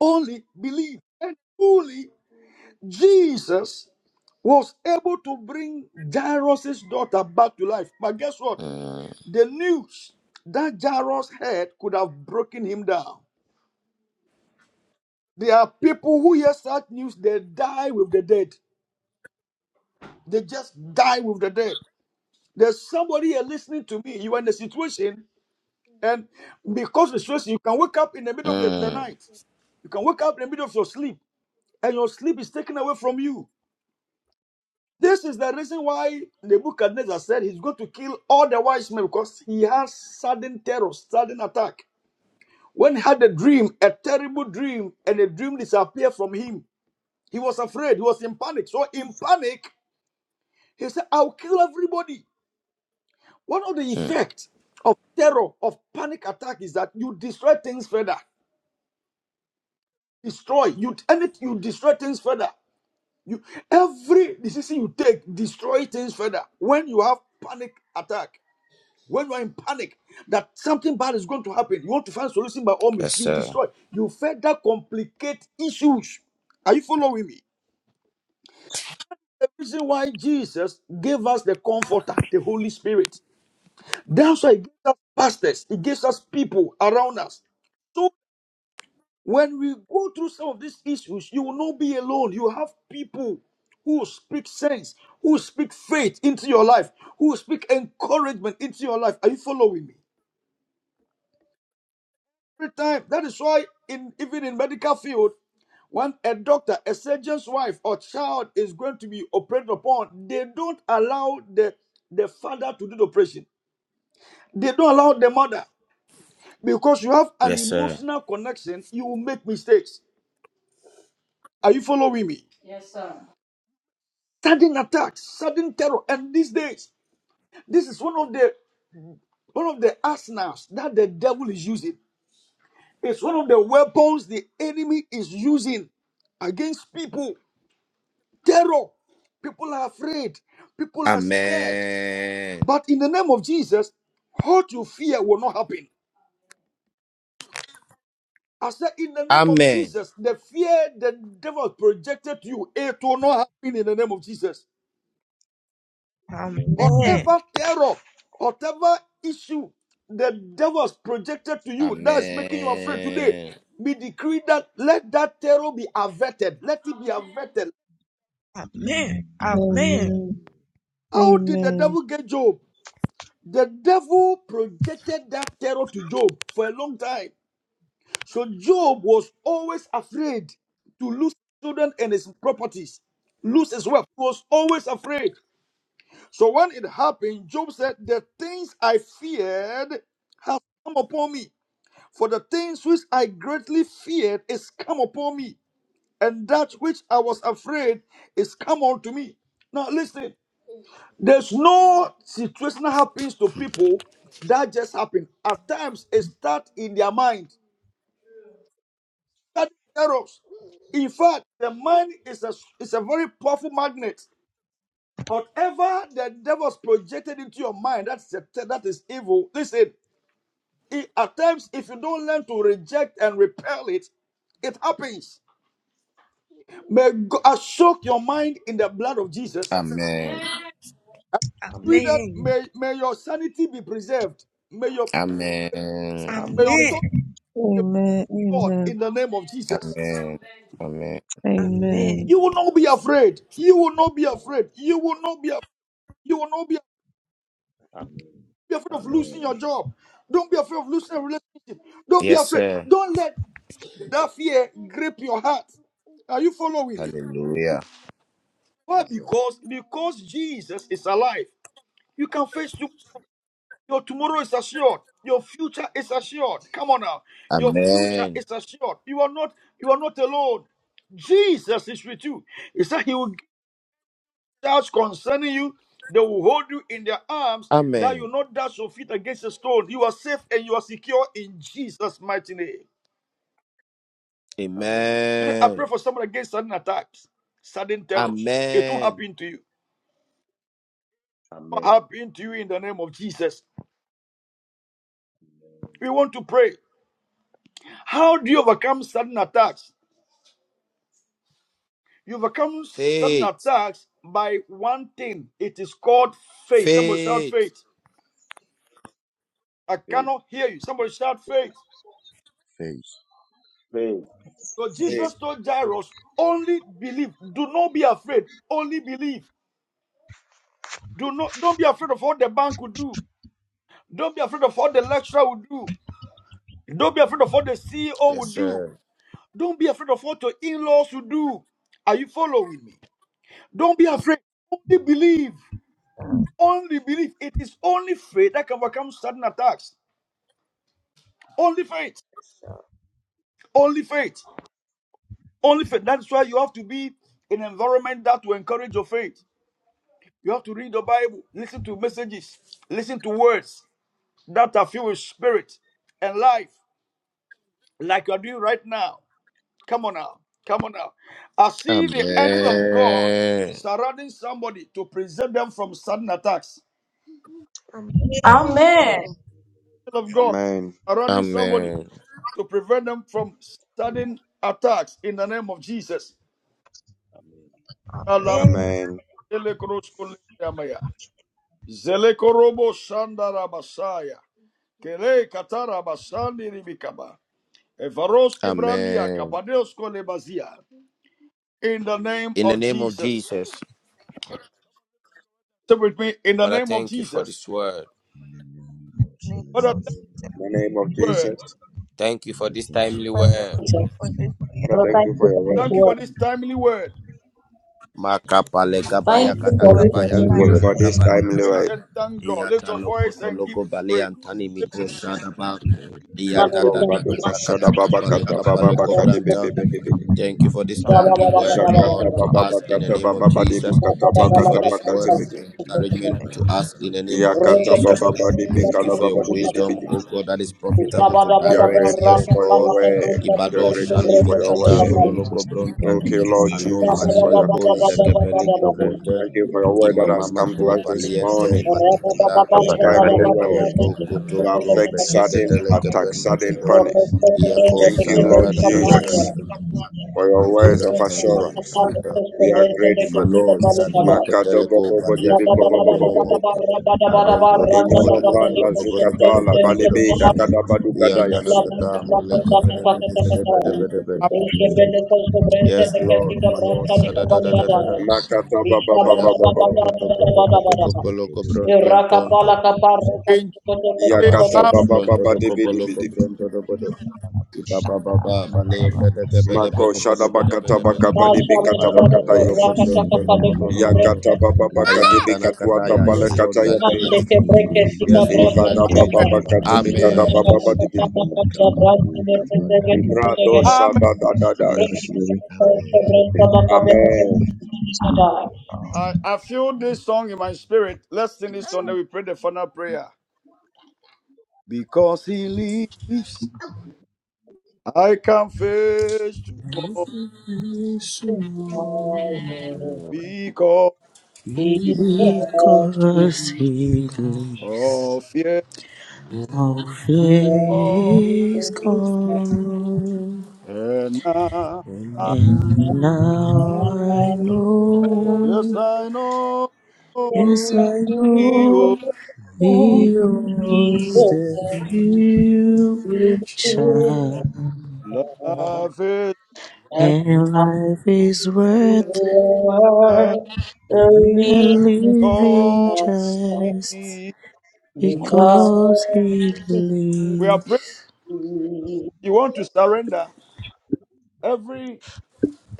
Only believe. And truly, Jesus was able to bring Jairus' daughter back to life. But guess what? Mm. The news that Jairus heard could have broken him down. There are people who hear such news, they die with the dead. They just die with the dead. There's somebody here listening to me. You are in a situation, and because of the situation, you can wake up in the middle of the, the Mm. night. You can wake up in the middle of your sleep, and your sleep is taken away from you. This is the reason why Nebuchadnezzar said he's going to kill all the wise men because he has sudden terror, sudden attack. When he had a dream, a terrible dream, and the dream disappeared from him, he was afraid. He was in panic. So in panic, he said, "I'll kill everybody." One of the Hmm. effects of terror of panic attack is that you destroy things further. Destroy you, and it, you destroy things further. You every decision you take destroy things further. When you have panic attack, when you are in panic that something bad is going to happen, you want to find solution by all Yes, means. You sir. destroy. You further complicate issues. Are you following me? The reason why Jesus gave us the Comforter, the Holy Spirit. That's why He gives us pastors. He gives us people around us When we go through some of these issues, you will not be alone. You have people who speak sense, who speak faith into your life, who speak encouragement into your life. Are you following me? Every time. That is why, in even in medical field, when a doctor, a surgeon's wife or child is going to be operated upon, they don't allow the, the father to do the operation. They don't allow the mother. Because you have an Yes, sir. emotional connection, you will make mistakes. Are you following me? sudden attacks, sudden terror. And these days, this is one of the one of the arsenals that the devil is using. It's one of the weapons the enemy is using against people. Terror. People are afraid. People are scared. Amen. But in the name of Jesus, what you fear will not happen. I said, in the name of Amen. Jesus, the fear the devil projected to you, it will not happen in the name of Jesus. Amen. Amen. Whatever terror, whatever issue the devils projected to you that is making Amen. you afraid today, we decree that let that terror be averted. Let it be averted. Amen. Amen. Amen. How did the Amen. devil get Job? The devil projected that terror to Job for a long time. So Job was always afraid to lose his children and his properties, lose his wealth. He was always afraid. So when it happened, Job said, The things I feared has come upon me. For the things which I greatly feared is come upon me, and that which I was afraid is come unto me. Now listen, there's no situation that happens to people that just happen. At times it starts in their mind. That errors. In fact, the mind is a is a very powerful magnet. Whatever the devil's projected into your mind, that's a, that is evil. Listen, it, at times if you don't learn to reject and repel it, it happens. May go- I soak your mind in the blood of Jesus. Amen. With Amen. that, Amen. may, may your sanity be preserved. May your Amen. may Amen. your Amen. thoughts Amen. be with God Amen. in the name of Jesus. Amen. Amen. Amen. You Amen. will not Amen. be afraid. You will not be afraid. You will not be af- you will not be, Amen. be afraid of losing Amen. your job. Don't be afraid of losing a relationship. Don't be Yes, afraid. sir. Don't let that fear grip your heart. Are you following me? Hallelujah. Why? Yes, sir. Because because Jesus is alive. You can face Your tomorrow is assured. Your future is assured. Come on now. Your future Amen. is assured. You are not you are not alone. Jesus is with you. He said he will give doubts concerning you. They will hold you in their arms that you Amen. will not dash your feet against a stone. You are safe and you are secure in Jesus' mighty name. Amen. Today I pray Amen. for someone against sudden attacks, sudden terrors. It won't Amen. happen to you. It won't Amen. happen to you in the name of Jesus. Amen. We want to pray. How do you overcome sudden attacks? You overcome sudden Faith. attacks by one thing. It is called faith. Somebody shout Faith. faith. I Faith. cannot hear you. Somebody shout faith. Faith. So Hey, Jesus told Jairus, only believe. Do not be afraid. Only believe. Do not don't be afraid of what the bank will do. Don't be afraid of what the lecturer will do. Don't be afraid of what the CEO will Yes, do. sir. Don't be afraid of what your in-laws will do. Are you following me? Don't be afraid. Only believe. Only believe. It is only faith that can overcome sudden attacks. Only faith. So, Only faith. Only faith. That's why you have to be in an environment that will encourage your faith. You have to read the Bible, listen to messages, listen to words that are filled with spirit and life, like you're doing right now. Come on now. Come on now. I see the angel of God Amen. surrounding somebody to preserve them from sudden attacks. Amen. Amen. Angel of God Amen. surrounding somebody Amen. Amen. to prevent them from sudden attacks in the name of Jesus. Amen. Alaba- Amen. Amen. Amen. In Elekroskoleamaya. Zelekorobo Shandara Basaya. Kere Katara Basandi Ribikaba. Evaroske Brandia Amen. Kapadeosko Lebazia. In the name In the of name of Jesus. Jesus, Say with me, in the Father, name of thank you for Jesus. this word. in the name of Name What a of thank Jesus, Jesus. the name of Jesus, word. Thank you and for let this him be timely Father, free. word. thank you Jesus. for this prayer. Father, Lord, thank thank you you for for your this Thank word. you for this word. timely word. Let Makapale him go for gabaya Thank Thank this you you gada for time, gabaya this family for Thank Lord. you this. time word gabale for this gabale timely Praise gaba. word. and thank God. Lift Iyata your voice lokoto and give logo him bale praise. antani Thank you, miko shada Jesus. Thank ba. you, Lord. My Father, Iyata we God, Father, thank tata you. Baduka kata Shada kata grateful, Baba thank kapale you, Kata Baba kapale Father, Baka Jesus. de we Bebe bless kobranta. you. Bebe Thank you for this timely word, Lord, Jakata to Baba us in the Bakata name of Baba Badi Jesus. Bukata Thank you for Bakata this Bakata word of Bebe. Zaki encouragement to kibara us in the kuku name of Yakata Jesus. Baba kubakara Badi kisa Thank you Bikala for your Baba de Bebe wisdom, oh God, that is profitable to You are direct. rati grateful Yes, ti for ti your Lord. ti word. ti You ti are Ibado ti grateful ti Shanimi for ti your ti which Katam ti word. is Dologo system Bronto Thank you, in mapo Lord terms of Ano koko Jesus, time, for your koka Manimiko kaka counsel. Jagebeli mapo the world kaka Gebrente is Thank you kaba for your word koka that kaka has come to Imamamako us this Paliente kaka morning. zaki Manikata duke This duke whatever timely duke the word. duke Arontonto government to Kotonto duke affect is sudden Mesheketele attack, Gebrende Yakata sudden Debe panic. Iako Thank you, doing, Lord Sadada the world is Jesus, for your words of Legabrente doing, assurance. We are grateful. Imano Sadia Jesus, Keteleko Thank Badia Thanks Tono for holding the Momomo on. Makadobobobobobobobobobobo. Give me Aron one todo thing. faith. kobodo kobodo Inonomranda kobodo kobodo zukatala Give kobodo me faith. kobodo. balibida Hallelujah. Iyan kadabadukadayas. tanakata maleke bede bede bede I bede bede bede. Yes, Lord, my Lord. Shadadadadadada. Makatababababababo. Ayakotokotokotokotoko poloko brontontonto. In Jesus' name, Amen. Masoko brontodoko poloko Yakatababababadibidibidibi. brontodobodo. Ibabababa, of sharing. Mako baleyepedepedepedepedepedepedepede. Yabakoko shadabakatabakabadibikatabakataya. Ibakarati Marokotoloko bronto, no, Yasekada no, no, no, Kota no, no. Kota Kadaba Ayantana Kataya. Mere Yes, Lord, you are Tete Yakatabababakadibikatuatapalekatayakata. grateful. Titi Shiki Yes, Lord, you are Ivada Naku baba grateful. Kaba bakati bikada Barati Amen. baba badi Shikibu Kabako Kabaka Brado you. Amen. shada da da da. yes. Ezekiel Amen Amen. I, I feel this song in my spirit. Let's sing this song, and we pray the final prayer. Because he lives. I confess face tomorrow because Because he lives, of fear all fear Oh, is gone. and now, We And now I yes know, I know yes I you know, he owns the future. love is And life is worth a believe living God. just We because he are lives. praying. You want to surrender every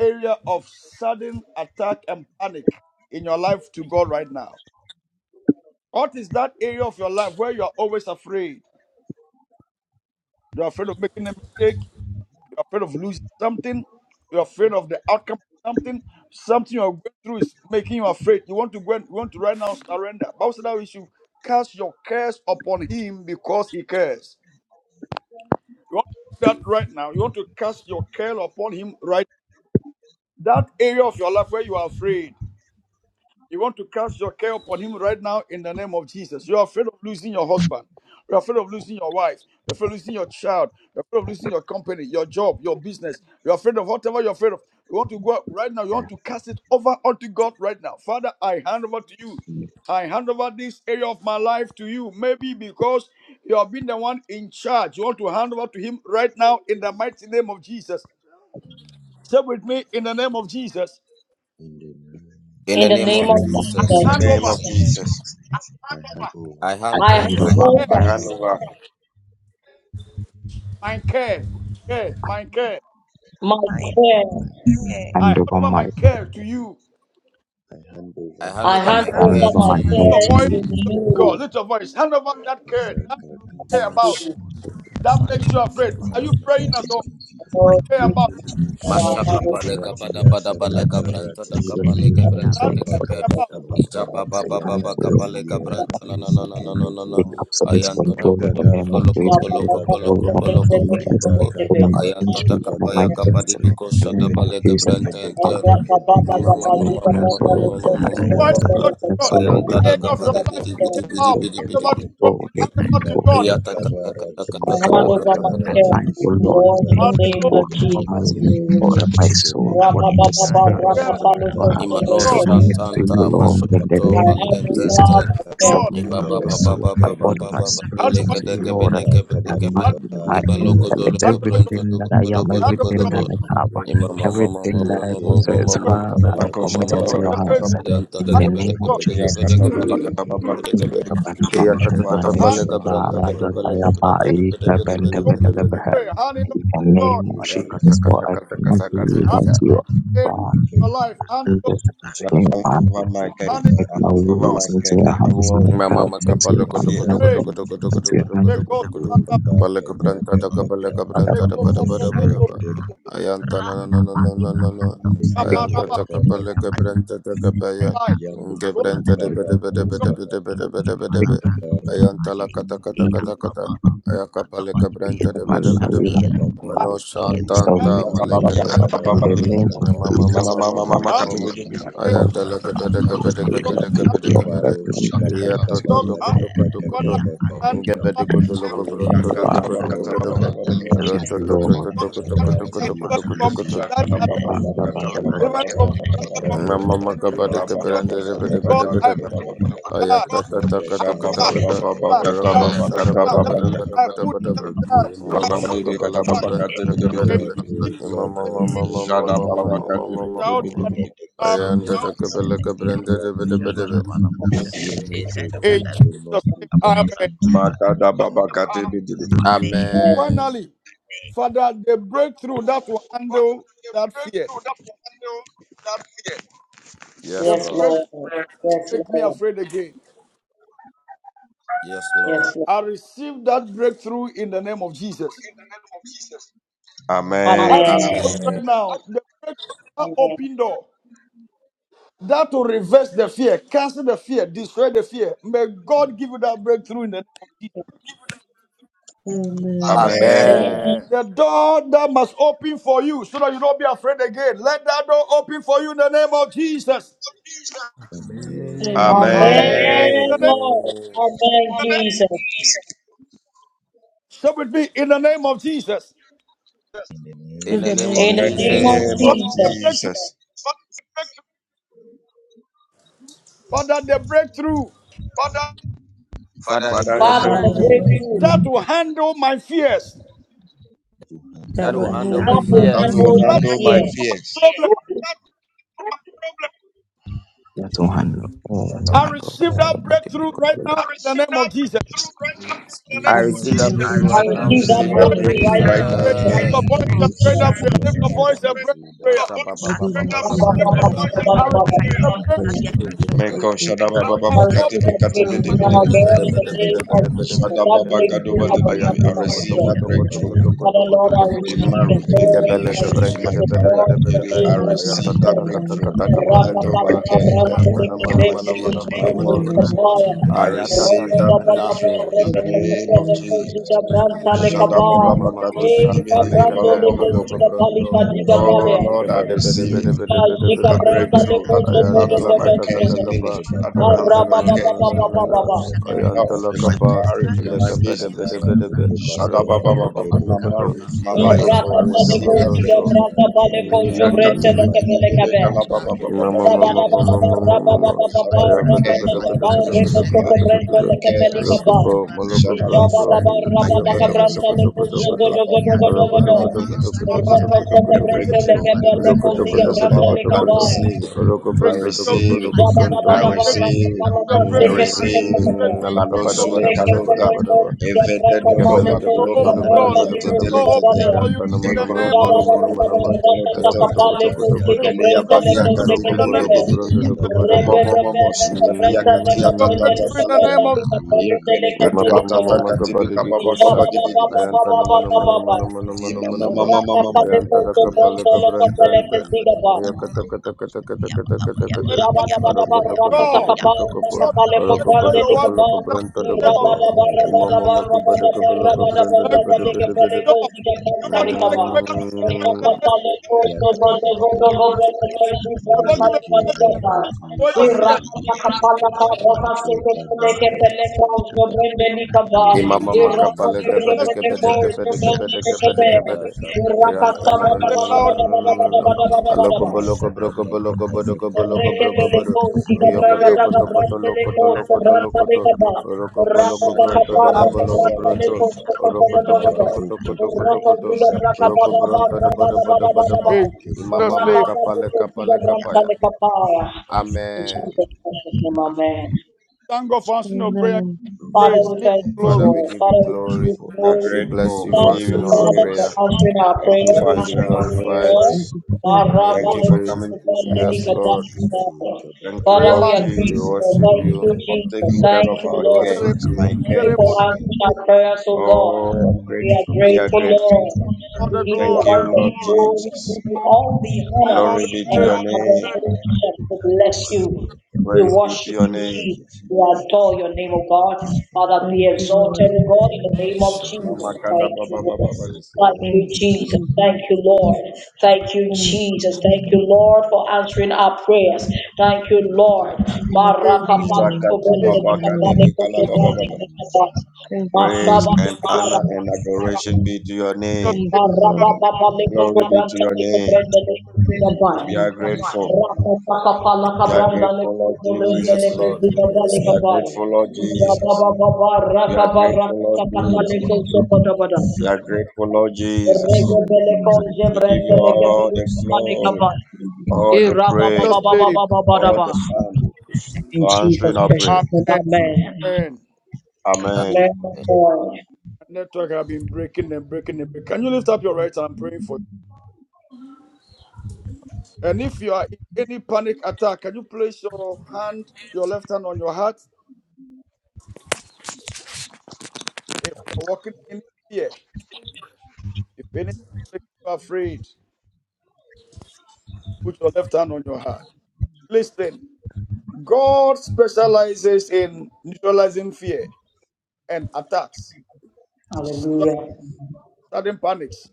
area of sudden attack and panic in your life to God right now. What is that area of your life where you are always afraid? You're afraid of making a mistake. You're afraid of losing something. You're afraid of the outcome of something. Something you're going through is making you afraid. You want to go and you want to right now surrender. Bible said that we should cast your cares upon him because he cares. You want to do that right now. You want to cast your care upon him right that area of your life where you are afraid. You want to cast your care upon him right now in the name of Jesus. You're afraid of losing your husband. You're afraid of losing your wife. You're afraid of losing your child. You're afraid of losing your company, your job, your business. You're afraid of whatever you're afraid of. You want to go out right now. You want to cast it over unto God right now. Father, I hand over to you. I hand over this area of my life to you. Maybe because you have been the one in charge. You want to hand over to him right now in the mighty name of Jesus. Say with me in the name of Jesus. in the name in the of in the name of new In I the Jesus In Jesus, the name hand name of over. of Jesus, Jesus. I hand over I, I I hand hand hand over, over over I my, hand handover, over. my care, my care, my care. My care, my my prayer prayer. I hand hand over over my my, care to you. I hand I over hand my I over I hand I my hand prayer hand care over handover over. to over to my my my Amen. my care Lift you. your you care care to Faith. voice, to to you. you, God. you. Lift your voice. Hand over that care, that Zaka you Thank care about, March. Kaka you. that makes Father, you afraid. deliver Are my Father, you thank you praying ear for at to the Jesus. all? my Lord, Care we- about hearing, I I hand hand over Mashaka Yamakoko Papa. over my my palega barati bada bada to yasaka my balega feelings, faith. branta barati da Faith. even Father, thank kapalega shikira you Anything my for to that the hands, branta O that, Lord. da Lord. makes care I kabaka, you kape. care Lord, kaba about. to shout out, you. kaba I Ija Papa. kaba Father, baba Say, kaya thank baba you hands, for O baka the kadati balega Son it of that the Lord. branta yerati Lord. na na na na yeseke na na de na Lord, na. take koko. all Papa. the absolute in Lord, Ayanta control Papa. toko in the Makaka the toko name Son of polo of the hand Jesus. kopo makiki Lord. over Take loko the my polo control over bakaka my kopolo care kopolo bakiki polo Son finances, of kopo. the to you. bakaka over my Ayanta bakiki da ministry, Lord. over my kapaya bakaka. I kapadi destiny. biko In the sada Deke name of deke balega Jesus, deke branta deke Father, enter. deke deke hand Mama I deke over de. mean, mama i am mama so Lord, mama Rata mama I ta ta mama tell Find ta us, I ta and mama. ta mean, talk to ta I am ta. God. so Lord. Ayanta That da Area Dimo of your kapadi koto life you bidi Take bidi care koto bidi koto about. control, bidi take koto Hand bidi over to bidi koto. God. control, bidi. take Hand over to control, Yaka God. Iya take ta ta ta control, ta ta kabarati take ta ta control. siki ta my ta ta. And care to barati my you, dear siki Lord, Lord, in Amen. take the Hand over to barati Big name God. of control Mac, over you my are Jesus. life, zeke Lord. deke over deke my deke soul, deke de body, and Ra-ba-ba-ba-ba, spirit. Big rata Talk ta Mac, God. you ta to Imano are ta God. Lord. ta Submit ta ra-ba-ba-lo-ko-ke-re-ke-re-ke-re. to ta you, Shantanta ta Lord, in kama the Majokoto I kama name of hand kama over Jesus. my kama Balientente care kama God. to Submit Ibaba my kayaka Baba soul, Baba my Baba body, my karati Baba spirit Hand over. Balega unto de you, zeke Gabe Lord. de deba Gabe de My kama Hand over. Gabe koka mind, ba my Ibalogo Amen. zeke intellect, Hand Dologo over your. Bronto deke everything that Dogo I Bodo am, deke Hand Bodo over Bodo everything your. that I Bodo have, deke Imama Records. Mama Mama everything that I Mama yeke Mama possess, mako Mama Father, kaba I Mama Bako shada commit Mama koka baba into Mama your Your bakati baka kata hands. preservation. baba. baba. Yanta de In Hand the over Gabe yeke de name to of God. Gabe de keke Ya Gabe Jesus. de kata Gabe keke de baba keke kata baba keke Gabe de In kati bidi the my Gabe kata Yakatata wata. Hand Yes. Kapalega Branta de Gabalega Branta it de Bede Bede Bede over to God. Bede Bede Pray. Hand it over to name of Ayakata Jesus, for Kata I Kata cannot do Kata God. without Kata you, area of Father. your life. Hand it In over. Shada baba this over my care. Hand it Make I my hand to over God. ways my into care. your My hands, worry, my Mama cuts into your makapalo my koto hands, fear. my koto Pray. koto body koto koto into koto your koto hands. koto Because koto koto. one, that one, that one, that Balaka branta taka one, balaka that Father, Father, one, branta that one, that one, that da bada bada bada ba. Ayanta na na na na na na na na. take over Ayanta taka my balaka branta taka baya. Life. Nge Go Yamaku branta da family, bada kabaku bada God. bada bada e kabaku bada bada bada take yakakara Ayanta la titi kata kata e over titi me, kata kata. Ayaka Thank you. balaka take branta over da my bada bada ba. life. Yakakama I Father, Mano kukaba I shanta Thank anta hand submit to Shada yakakama you, baba ya Lord, kata kakaba baba in the badi. name of Mama, yamakakama. mama, Jesus Mama mama, mama mama mama, Christ. hand And kati mama. bidi it Lord, Ayanda la Izikikikikikikikiki. I gabede commit gabede it to God. without gabede you, Hand Makuku gabede Lord, God, I gabede. baroto commit it kaba Iya without to it kaba to you, over to God. to ko to Lord. ko to ko to. Father, I hand Gabede yakakakakakakakaka. over. ko to loko Oh Ya Father, bronto loko Lord kata Father, baba bronto ko God, kata I baba bronto. have baba over bidi. my Ro yes, to to prayers, to Lord. to Lord. to ko to ko to ko to Rati ko to Deliver ko to from ko tisi to. Ya that kata I attack. kiki baba thank the kata Father, baba kata Lord, baba Deliver from and makukakaka. that. kata baba. Mama Ratokaba maka kaba bada kabranda Amen. bada yekedeke bada God, bada. I put yekedeke. that. Ayata tata I kata Zadaka kata you. kata. dekada that. I put Rako dekada shada bada that. bada dekada. bada I bada put bada bada. Amen. that. In Nemo Mama maka Sheba bala kabranda bada bada bada. In Jesus' Mama mama mama mama mama mama mama. out mama, and arm. Zebe Ayanda kabala kabranda bada bada bada. Zebe In Jesus' name. you. Amen. Yes, Amen. Finally, Father, the breakthrough that will handle that fear. Yes, The yes, breakthrough. Lord. Lord. Yes, make me Lord. afraid again. Yes. Yes, Lord. I receive that breakthrough in the name of Jesus. I pray for Amen. you Amen. right now. The breakthrough, that Amen. open door, that will reverse the fear, cancel the fear, destroy the fear. May God give you that breakthrough in the name of Jesus. Amen. Amen. Amen. The door that must open for you so that you don't be afraid again. Let that door open for you in the name of Jesus. Amen. Shout Amen. Amen, Amen. with the name- Lord. Amen. Amen, Jesus. shout with me in the name of Jesus. the In In the name name In In In the of of the the I name name Jesus, Jesus, of of name thank Father, of the Jesus. you. breakthrough, Jesus. Father, the breakthrough Father, Father, the the Father, Father, Father, the Father, the the the voice breakthrough. break breakthrough breakthrough that will handle my fears, to hand that that down will God will my will handle that my handle that handle my fears. will will my How have fears. to handle fear. my that handle my fear, here, fears. problem Yeah, don't handle. Oh I my Kabala God, receive that breakthrough right I'm now in the name of Jesus. just I receive I that receive I receive a that that breakthrough receive I breakthrough right breakthrough right breakthrough now that now right right receive in in the now. that the now name a breakthrough name in Lift of of breakthrough Name the right breakthrough Jesus. right right now name now now the voice and prayer. in of the in in the the Lift name the of Jesus. name of voice name of and Jesus. Jesus. pray that Jesus. prayer. Lift the Jesus. Father, the voice and pray breakthrough that that prayer. will Masha come ba ba I ba ba my ba call fear. Ba, ga ba ba, la ba, ga ba, Satan, ba, bra ga ba, Father, let I ba ba, receive ba ba it ba, ba be ba. the ba ga breakthrough for ba ga of ba the tomorrow. ga ba. Meko shadaba Thank Ya baba ka I and pa ya trouble. bakate receive ka that pa la bekate Oh, ga ba bede breakthrough da bede ba now, da bede. ba Lord, da in ba the da ba da name ba da of ba da Jesus. ba da ba That Shadaba da ba. breakthrough bakadoba really Yana that we Ayan to I handle kuku my lo ko to receive fear. ko baku that to ko to ko kapaya breakthrough to ko to Father, ko kaka to Lord, I ko to kaka. ko in to. receive it, marriage, Let in Ga ba Lord. la I kind ga of ministry, it bra be in good. ga receive my da it, ba da ba career. Lord, da in ba the da ba. I name of Aya ta receive ta that ta Jesus. ka ta ka breakthrough ta that ka pa will la Thank ka handle my pa. cares, that Ayan ta will na ma handle na my ma na ma na fears, ma na my ma na ma na worries. ma. I Aya ta ta receive ta that ka ta. breakthrough in the you name of Jesus. my mind that Shadaba baba Imama when mako bakate my bede shanta le worry is that malogo like they bronto. will choose Oh Lord, I receive it. facility you. of a Bata breakthrough Bata and that will Ayantala handle my kata the case kata in quality Zeke, kapa zeke, of ministry, that Bata will handle arantala my no we are no no case the no no brand no of in seven my and the health, ayantala ball, in my kapa seven the career, brand in of my leka bede city and bede business. upon the bede be brand of city arokoto we are koto upon Shadabababababa, koto the my koto level Lord, the marriage, Lord, my we the are life. rokopo upon I the Rakata most mojoko receive leko seven that bronto ziga and breakthrough. the brasa level we are upon baleko the brand of jobrente so leke much the Yakatibidibidibidi, different belekabe. Lord, the and Lord, the Lord, the Lord, the Mama, we mama, are kalabababababadibidi. mama, calling upon mama, the mama. I brand shut up the my Ayaga, brand of Bali brand and daga, the cares daga, Bali over the daga, brand zeke, of daga, issues daga, of daga, life, zeke, celebrate daga, my and daga. the brand of cares. Alaka po, malaka Shut up my branto. family, my Ayaka, daga, cares. daga, daga, Shut daga, daga. up about marriage, Alaka, daga, about daga, ministry. daga, Papa, daga, daga, sir. daga, The daga, daga. Receive breakthrough, the Alaka, breakthrough. daga, daga, Yes, daga, Lord, I your daga, daga. receive breakthrough. Jabba it. Alaka Lord, I banda, Receive your daga, breakthrough. receive it. balaka branto. I receive it. Your I breakthrough. receive zeke. it. Mm, Mano alakabada Your bada bada Yakakawara bada kalota. bada bada. the Evede breakthrough. Your dodo breakthrough. Ikepele Your bakulo gebranto open do bada mamamani door. ya bada bada tetele Your bada. open tete. for you in Ayanta nama the nama Ekro name Rakata nama of koro nama koro nama nama. ma. toto tolo tete Ayakoto koto tete. koto Jesus. koto koto. Eleya Your balia breakthrough Roko in katibi the name. polo of dibi ko dibi dibi. brondo do go Jesus. bada Omo bada. Lord, mo mo mo sukatia katia Your tata breakthrough in tata the laya. name of yeah, Yekere Mama katu Yabba mama atata mama, katibi badi kababa bikosha. baba dibi dibi. Ayanta na mano, mana mano, mana mano, mana Imama mano, mama mama mama. leko Ayanta da kapala sebronto leko kabranta anta. beleke ba. Eya kata kata kata kata kata kata kata. Jesus. Aro koto koto God. koto koto kopo. God, that will Aro take away kabada your worries kabala in kabranta da the name of kabo. Jesus. Mama maga bada kabala kabranta da My bada bada bada. God, that will take away your in the name of Thank Yakatatatatatata. Jesus. God, give it. Yekebarati Destroy your fear. Sukidipi. Nakokabakaba. Yabakokabakaba. Imama Ye- makapale gebede Just gebede name. gebede gebede gebede gebede. Iranta no Yakakabakarati no no Say no no you. loud no no no no no. Sukedekebeke. Aloko Rakasabada boloko broko boloko bodoko boloko Ratatatatatatatatata. broko bodo. Rekebeleko, Oyoko name. toko Gigadragadaga, toko Zee. to loko Branteleko, to loko to loko to. Sobrantalekaba, Oroko poloko bronto Rakataka, doko Amen. boloko bronto. Rakabrantaleko, Yakakakakakaka. Oroko toko Sokotogodogada, toko toko Maratukuku. toko Roko, toko to. Oroko Zakeke Gigadrakababa, bronto do barati bodo bodo bodo bo. Rabababababa, kumakurati In Jesus' Imama name. kebebakabaka. makapale Rakabako, kapale kapaya. Gigadrantalekapaya. In Amen. Jesus' precious name, Amen. Thank God for answering your prayer. Amen. Oh, Father, Praise. we Father, Give thank thank you, Father, glory. you. we Lord. give you Father, we Thank give you glory. you for We are glory. We answering our bless grateful. you We for Thank Thank prayers. give you, you answering you, Thank our you, Lord. Father, praise. for Praise. prayer. Lord. answering our Thank Thank you Your you prayers for for and name Give be the our answering our prayers, remains glorified. of Lord. Thank your prayers. you for Father, Your breakthrough. name be answering. Thank Thank praise. you you, for praised. coming through Jesus. for Yes, us. Lord. Zeki Thank kabara you, Lord we Raymond. are Thank titi We you, grateful, Jesus, Lord. siki worship Thank you. you, deke for Thank Jesus. mapo you. taking care Thank kaba. of you, our We Lord. worship Father, cares, we you. my know Thank Deke you the for cares. God. keke answering You our keke prayers, oh God. are Oh, a I'm We are grateful. We are grateful, grateful. Lord. All We the the give Thank you glory. God. all you, the Lord glory, we Jesus. give you Our all the shepherd, honor God Glory the be Lord. to and praise. your name. I think adoration. We bless you. We the Praise Lord be of to worship your you, Thank name. Jesus. you, We adore Jesus. the your name, O Thank God. you, Father, Father. be Thank Oh, you, Thank Lord. exalted, you, O God, in the Lord. name Father, of we are Mama Jesus. grateful. Thank kada you, baba baba Lord. baba. Yes, Thank Thank Lord. you, you, Jesus. Jesus. Thank Thank you, you, Lord. Jesus. Thank you, Thank Jesus. Thank you, Come Oh, on. Lord, for answering our prayers. Thank you, Thank Lord. you, Lord. In His Zaka name. Thank baba you, yeah. Lord. kada So, Marakapalikobrelkelikabalekokebrelkelikaba. Thank you, Praise Jesus. and honor Mashabalikobarakaba. and adoration Lord, be to your Just name. Thank name. you, Rabba Lord. Papa Leco Glory be to Branta your Leco name. Brenda Leco Thank you, Zigabai. We are Jesus. grateful. Rapa Papa Laca We are Branda grateful, Lord Leco Thank Brenda you, Yes, Jesus. Leco Lord. Lord. We Zigabai bless We you. are Kabai. grateful, Lord Jesus. Jababa Baba We are Raka Baraka grateful, Lord Takata Thank you, Jesus. Leco our, Lord. Zopadabada. We are grateful, Lord Jesus. Rego Beleco We give you Zebrenta Leca all the Beleco the Bali glory, Kabai. Thank you, Lord. all the Iraba praise, Baba Just Baba name. Baba all the Badaba. so, honor In for answering Jesus' our prayer. precious Amen. name, amen. Amen. I Amen. Amen, Lord. The network have been breaking and breaking and breaking. Can you lift up your right hand? I'm praying for you. And if you are in any panic attack, can you place your hand, your left hand on your heart? If you're walking in fear, If anything makes you afraid, put your left hand on your heart. Listen, God specializes in neutralizing fear and attacks, Hallelujah. sudden panics.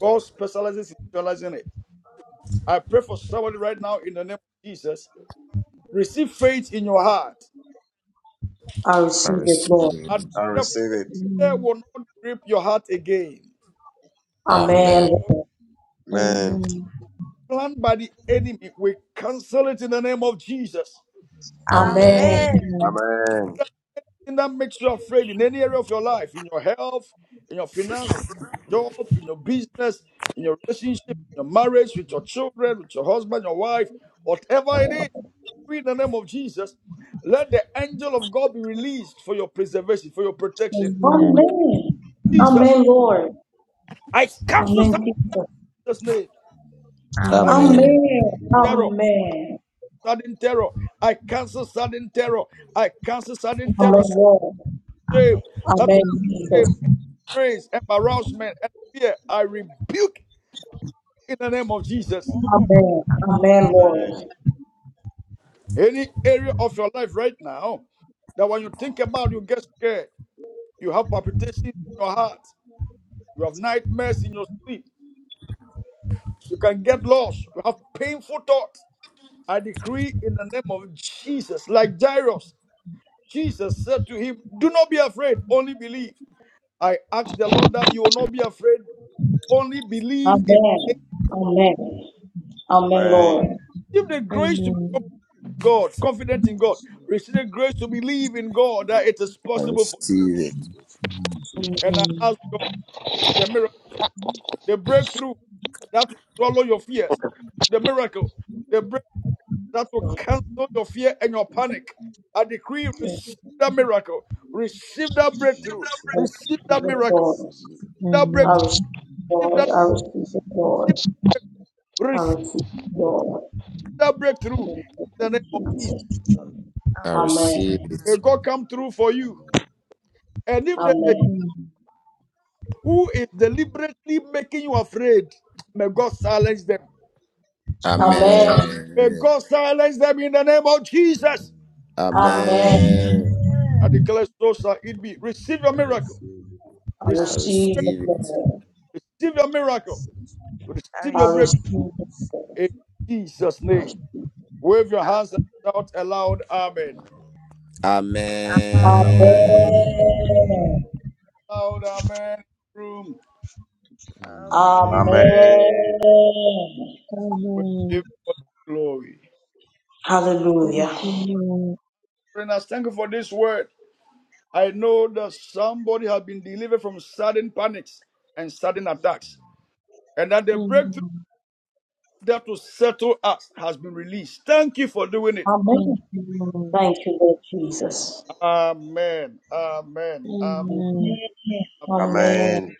God specializes in neutralizing it. I pray for somebody right now in the name of Jesus. Receive faith in your heart. I I receive it, Lord. receive And it. I therefore, receive Thank it. fear will you, not grip your heart again. Amen, Amen. Lord. Amen. Lord. Amen. Planned by the enemy, we cancel it in the name of Jesus. Amen. Amen. Amen. Amen. Anything that makes you afraid in any area of your life, in your health, in your finances, job, in your business, in your relationship, in your marriage, with your children, with your husband, your wife, whatever it is, in the name of Jesus, let the angel of God be released for your preservation, for your protection. you. Amen. Amen. Jesus, Amen, Lord. I cancel Amen, Jesus. Satan's name. Amen. I Amen. Amen. Amen. Amen. terror, Amen. sudden terror. I cancel sudden terror. I cancel sudden terror. Amen, Lord. That shame, Amen. that Amen, shame, Jesus. praise, Amen. embarrassment, and fear. I rebuke in the name of Jesus. Amen. Amen. Amen, Lord. Amen. Any area of your life right now that when you think about, you get scared, you have palpitations in your heart, you have nightmares in your sleep, you can get lost, you have painful thoughts. I decree in the name of Jesus, like Jairus, Jesus said to him, Do not be afraid, only believe. I ask the Lord that you will not be afraid, only believe Amen. in Amen. Come Amen. Amen, Amen. Lord. Give the grace to become Amen. God, confident in on, God. yes, Lord, Receive the grace to believe in God that it is I possible for. and receive it. receive it. you. And I Amen. ask God. the miracle, the breakthrough that will swallow your fears, the miracle, the break that will cancel your fear and your panic. I decree, receive that miracle, receive that I breakthrough, see I it now. receive that receive it, I miracle, Lord. see it Receive it. now. that I breakthrough, Amen. receive it, receive I Lord. that, I see receive it it, now. Lord. Receive it. I receive receive it, Lord. that breakthrough in the name of Jesus. Jesus. Amen. I Amen. Amen. receive May it. God come through for you. I'm Amen. And if there's a Amen. Amen. who is deliberately making you afraid, may God silence them. Amen. Amen. Amen. May Amen. God silence them in the name of Jesus. feeling Amen. Amen. Amen. Amen. I Amen. declare, so shall it be. Receive your very miracle. fearful. I Receive, I receive it, receive it. Lord. receive your I miracle. see it now. Receive Sorry, I your breakthrough receive I it. see in it Jesus' name. Wave your hands and shout aloud, Amen. now. Amen. Amen. Amen. Amen. Amen. Loud Amen. Room. Amen. Amen. Amen. Amen. We give Amen. God glory. Thank Hallelujah. you, Lord. Friends, thank you for this word. I know that somebody has been delivered from sudden panics and sudden attacks, and that the breakthrough Amen. that will settle us has been released. Thank you for doing it. Thank Amen. you, Lord. Thank you, Lord Jesus. Amen. Amen. Amen. Amen. Yes. Amen. Amen.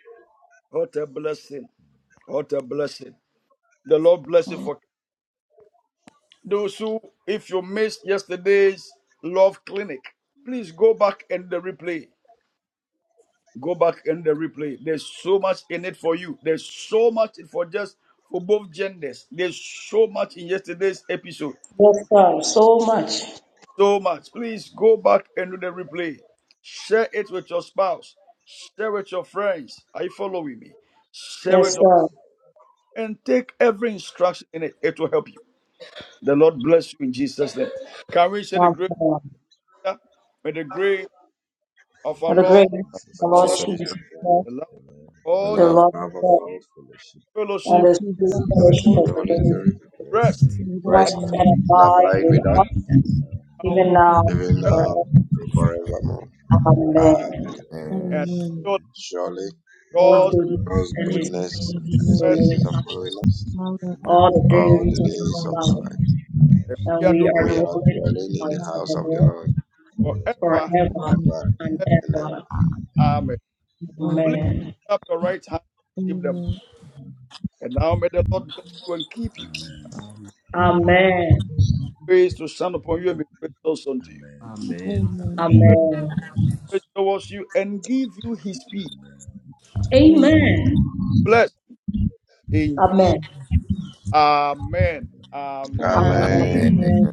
What a blessing. What a blessing. The Lord bless you for Those who, if you missed yesterday's love clinic, please go back and the replay. Go back and the replay. There's so much in it for you. There's so much for just for both genders. There's so much in yesterday's episode. Yes, sir. So much. So much. Please go back and do the replay. Share it with your spouse. Share with your friends. Are you following me? Share Yes, it sir. and take every instruction in it. It will help you. The Lord bless you in Jesus' name. Can we say the grace? Amen. together? May the grace of our Hello, And the Lord grace of For Jesus the Lord Christ, Lord Jesus, Christ. Jesus Jesus Christ, the Christ, love Hello, I God. of the God, love. love Father of of My God, sweet God, fellowship. Let and fellowship us the God of give bless sweet thanks you. to the authority fellowship Holy of Sweet of the the Spirit, Holy Spirit. that's Holy Spirit even Spirit, Rest now. rest, and Jesus' rest and rest and abide name, with and us. abide abide with with us, us, forever. Amen. Even now now prayer even and now, and even Have your way ever family, now forever. forevermore. and forevermore. on Amen. our faith Amen. Amen. and Amen. amen. surely Surely, Surely, God's All God's goodness goodness God's and His Jesus, goodness O mercy and shall and His His Lord, mercy follow mercies are and mercy us following us will Father, its outflow follow us, all the all us. the all days the of days of people, our on our life. life. this and lives. You we and are doing we amen. are We are import dwelling in dwelling the in on the house of the house of Lord. the Amen. Salvador Lord forever. forever forever Amen. and ever and ever. and ever. ever. on the Amen. earth. Please lift Amen. up your right hand, give them, Amen. and now may the Lord bless you and keep you. Amen. Amen. the Lord. Amen. Amen. Amen. Praise to stand upon you and be gracious unto you. Amen. Amen. May the Amen. Amen. grace towards you and give you His peace. Amen. Amen. Amen. Bless in Amen. Jesus. Amen. Amen. Amen. Amen. Amen. Amen. Amen. Amen.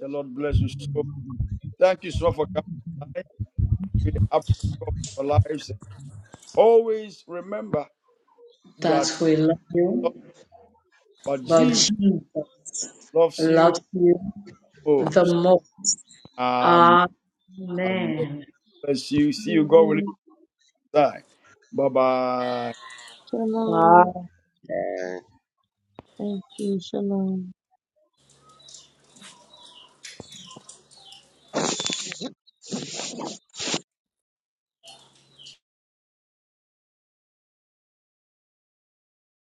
The Lord bless you so. much. Thank you so much for coming. tonight. We appreciate your lives. Always remember That that we love you, but but Jesus Jesus loves you loves you the most. most. Um, um Amen. bless you. See you God willing Amen. Bye bye. Shalom. Amen. Amen. Amen. Thank you. Shalom.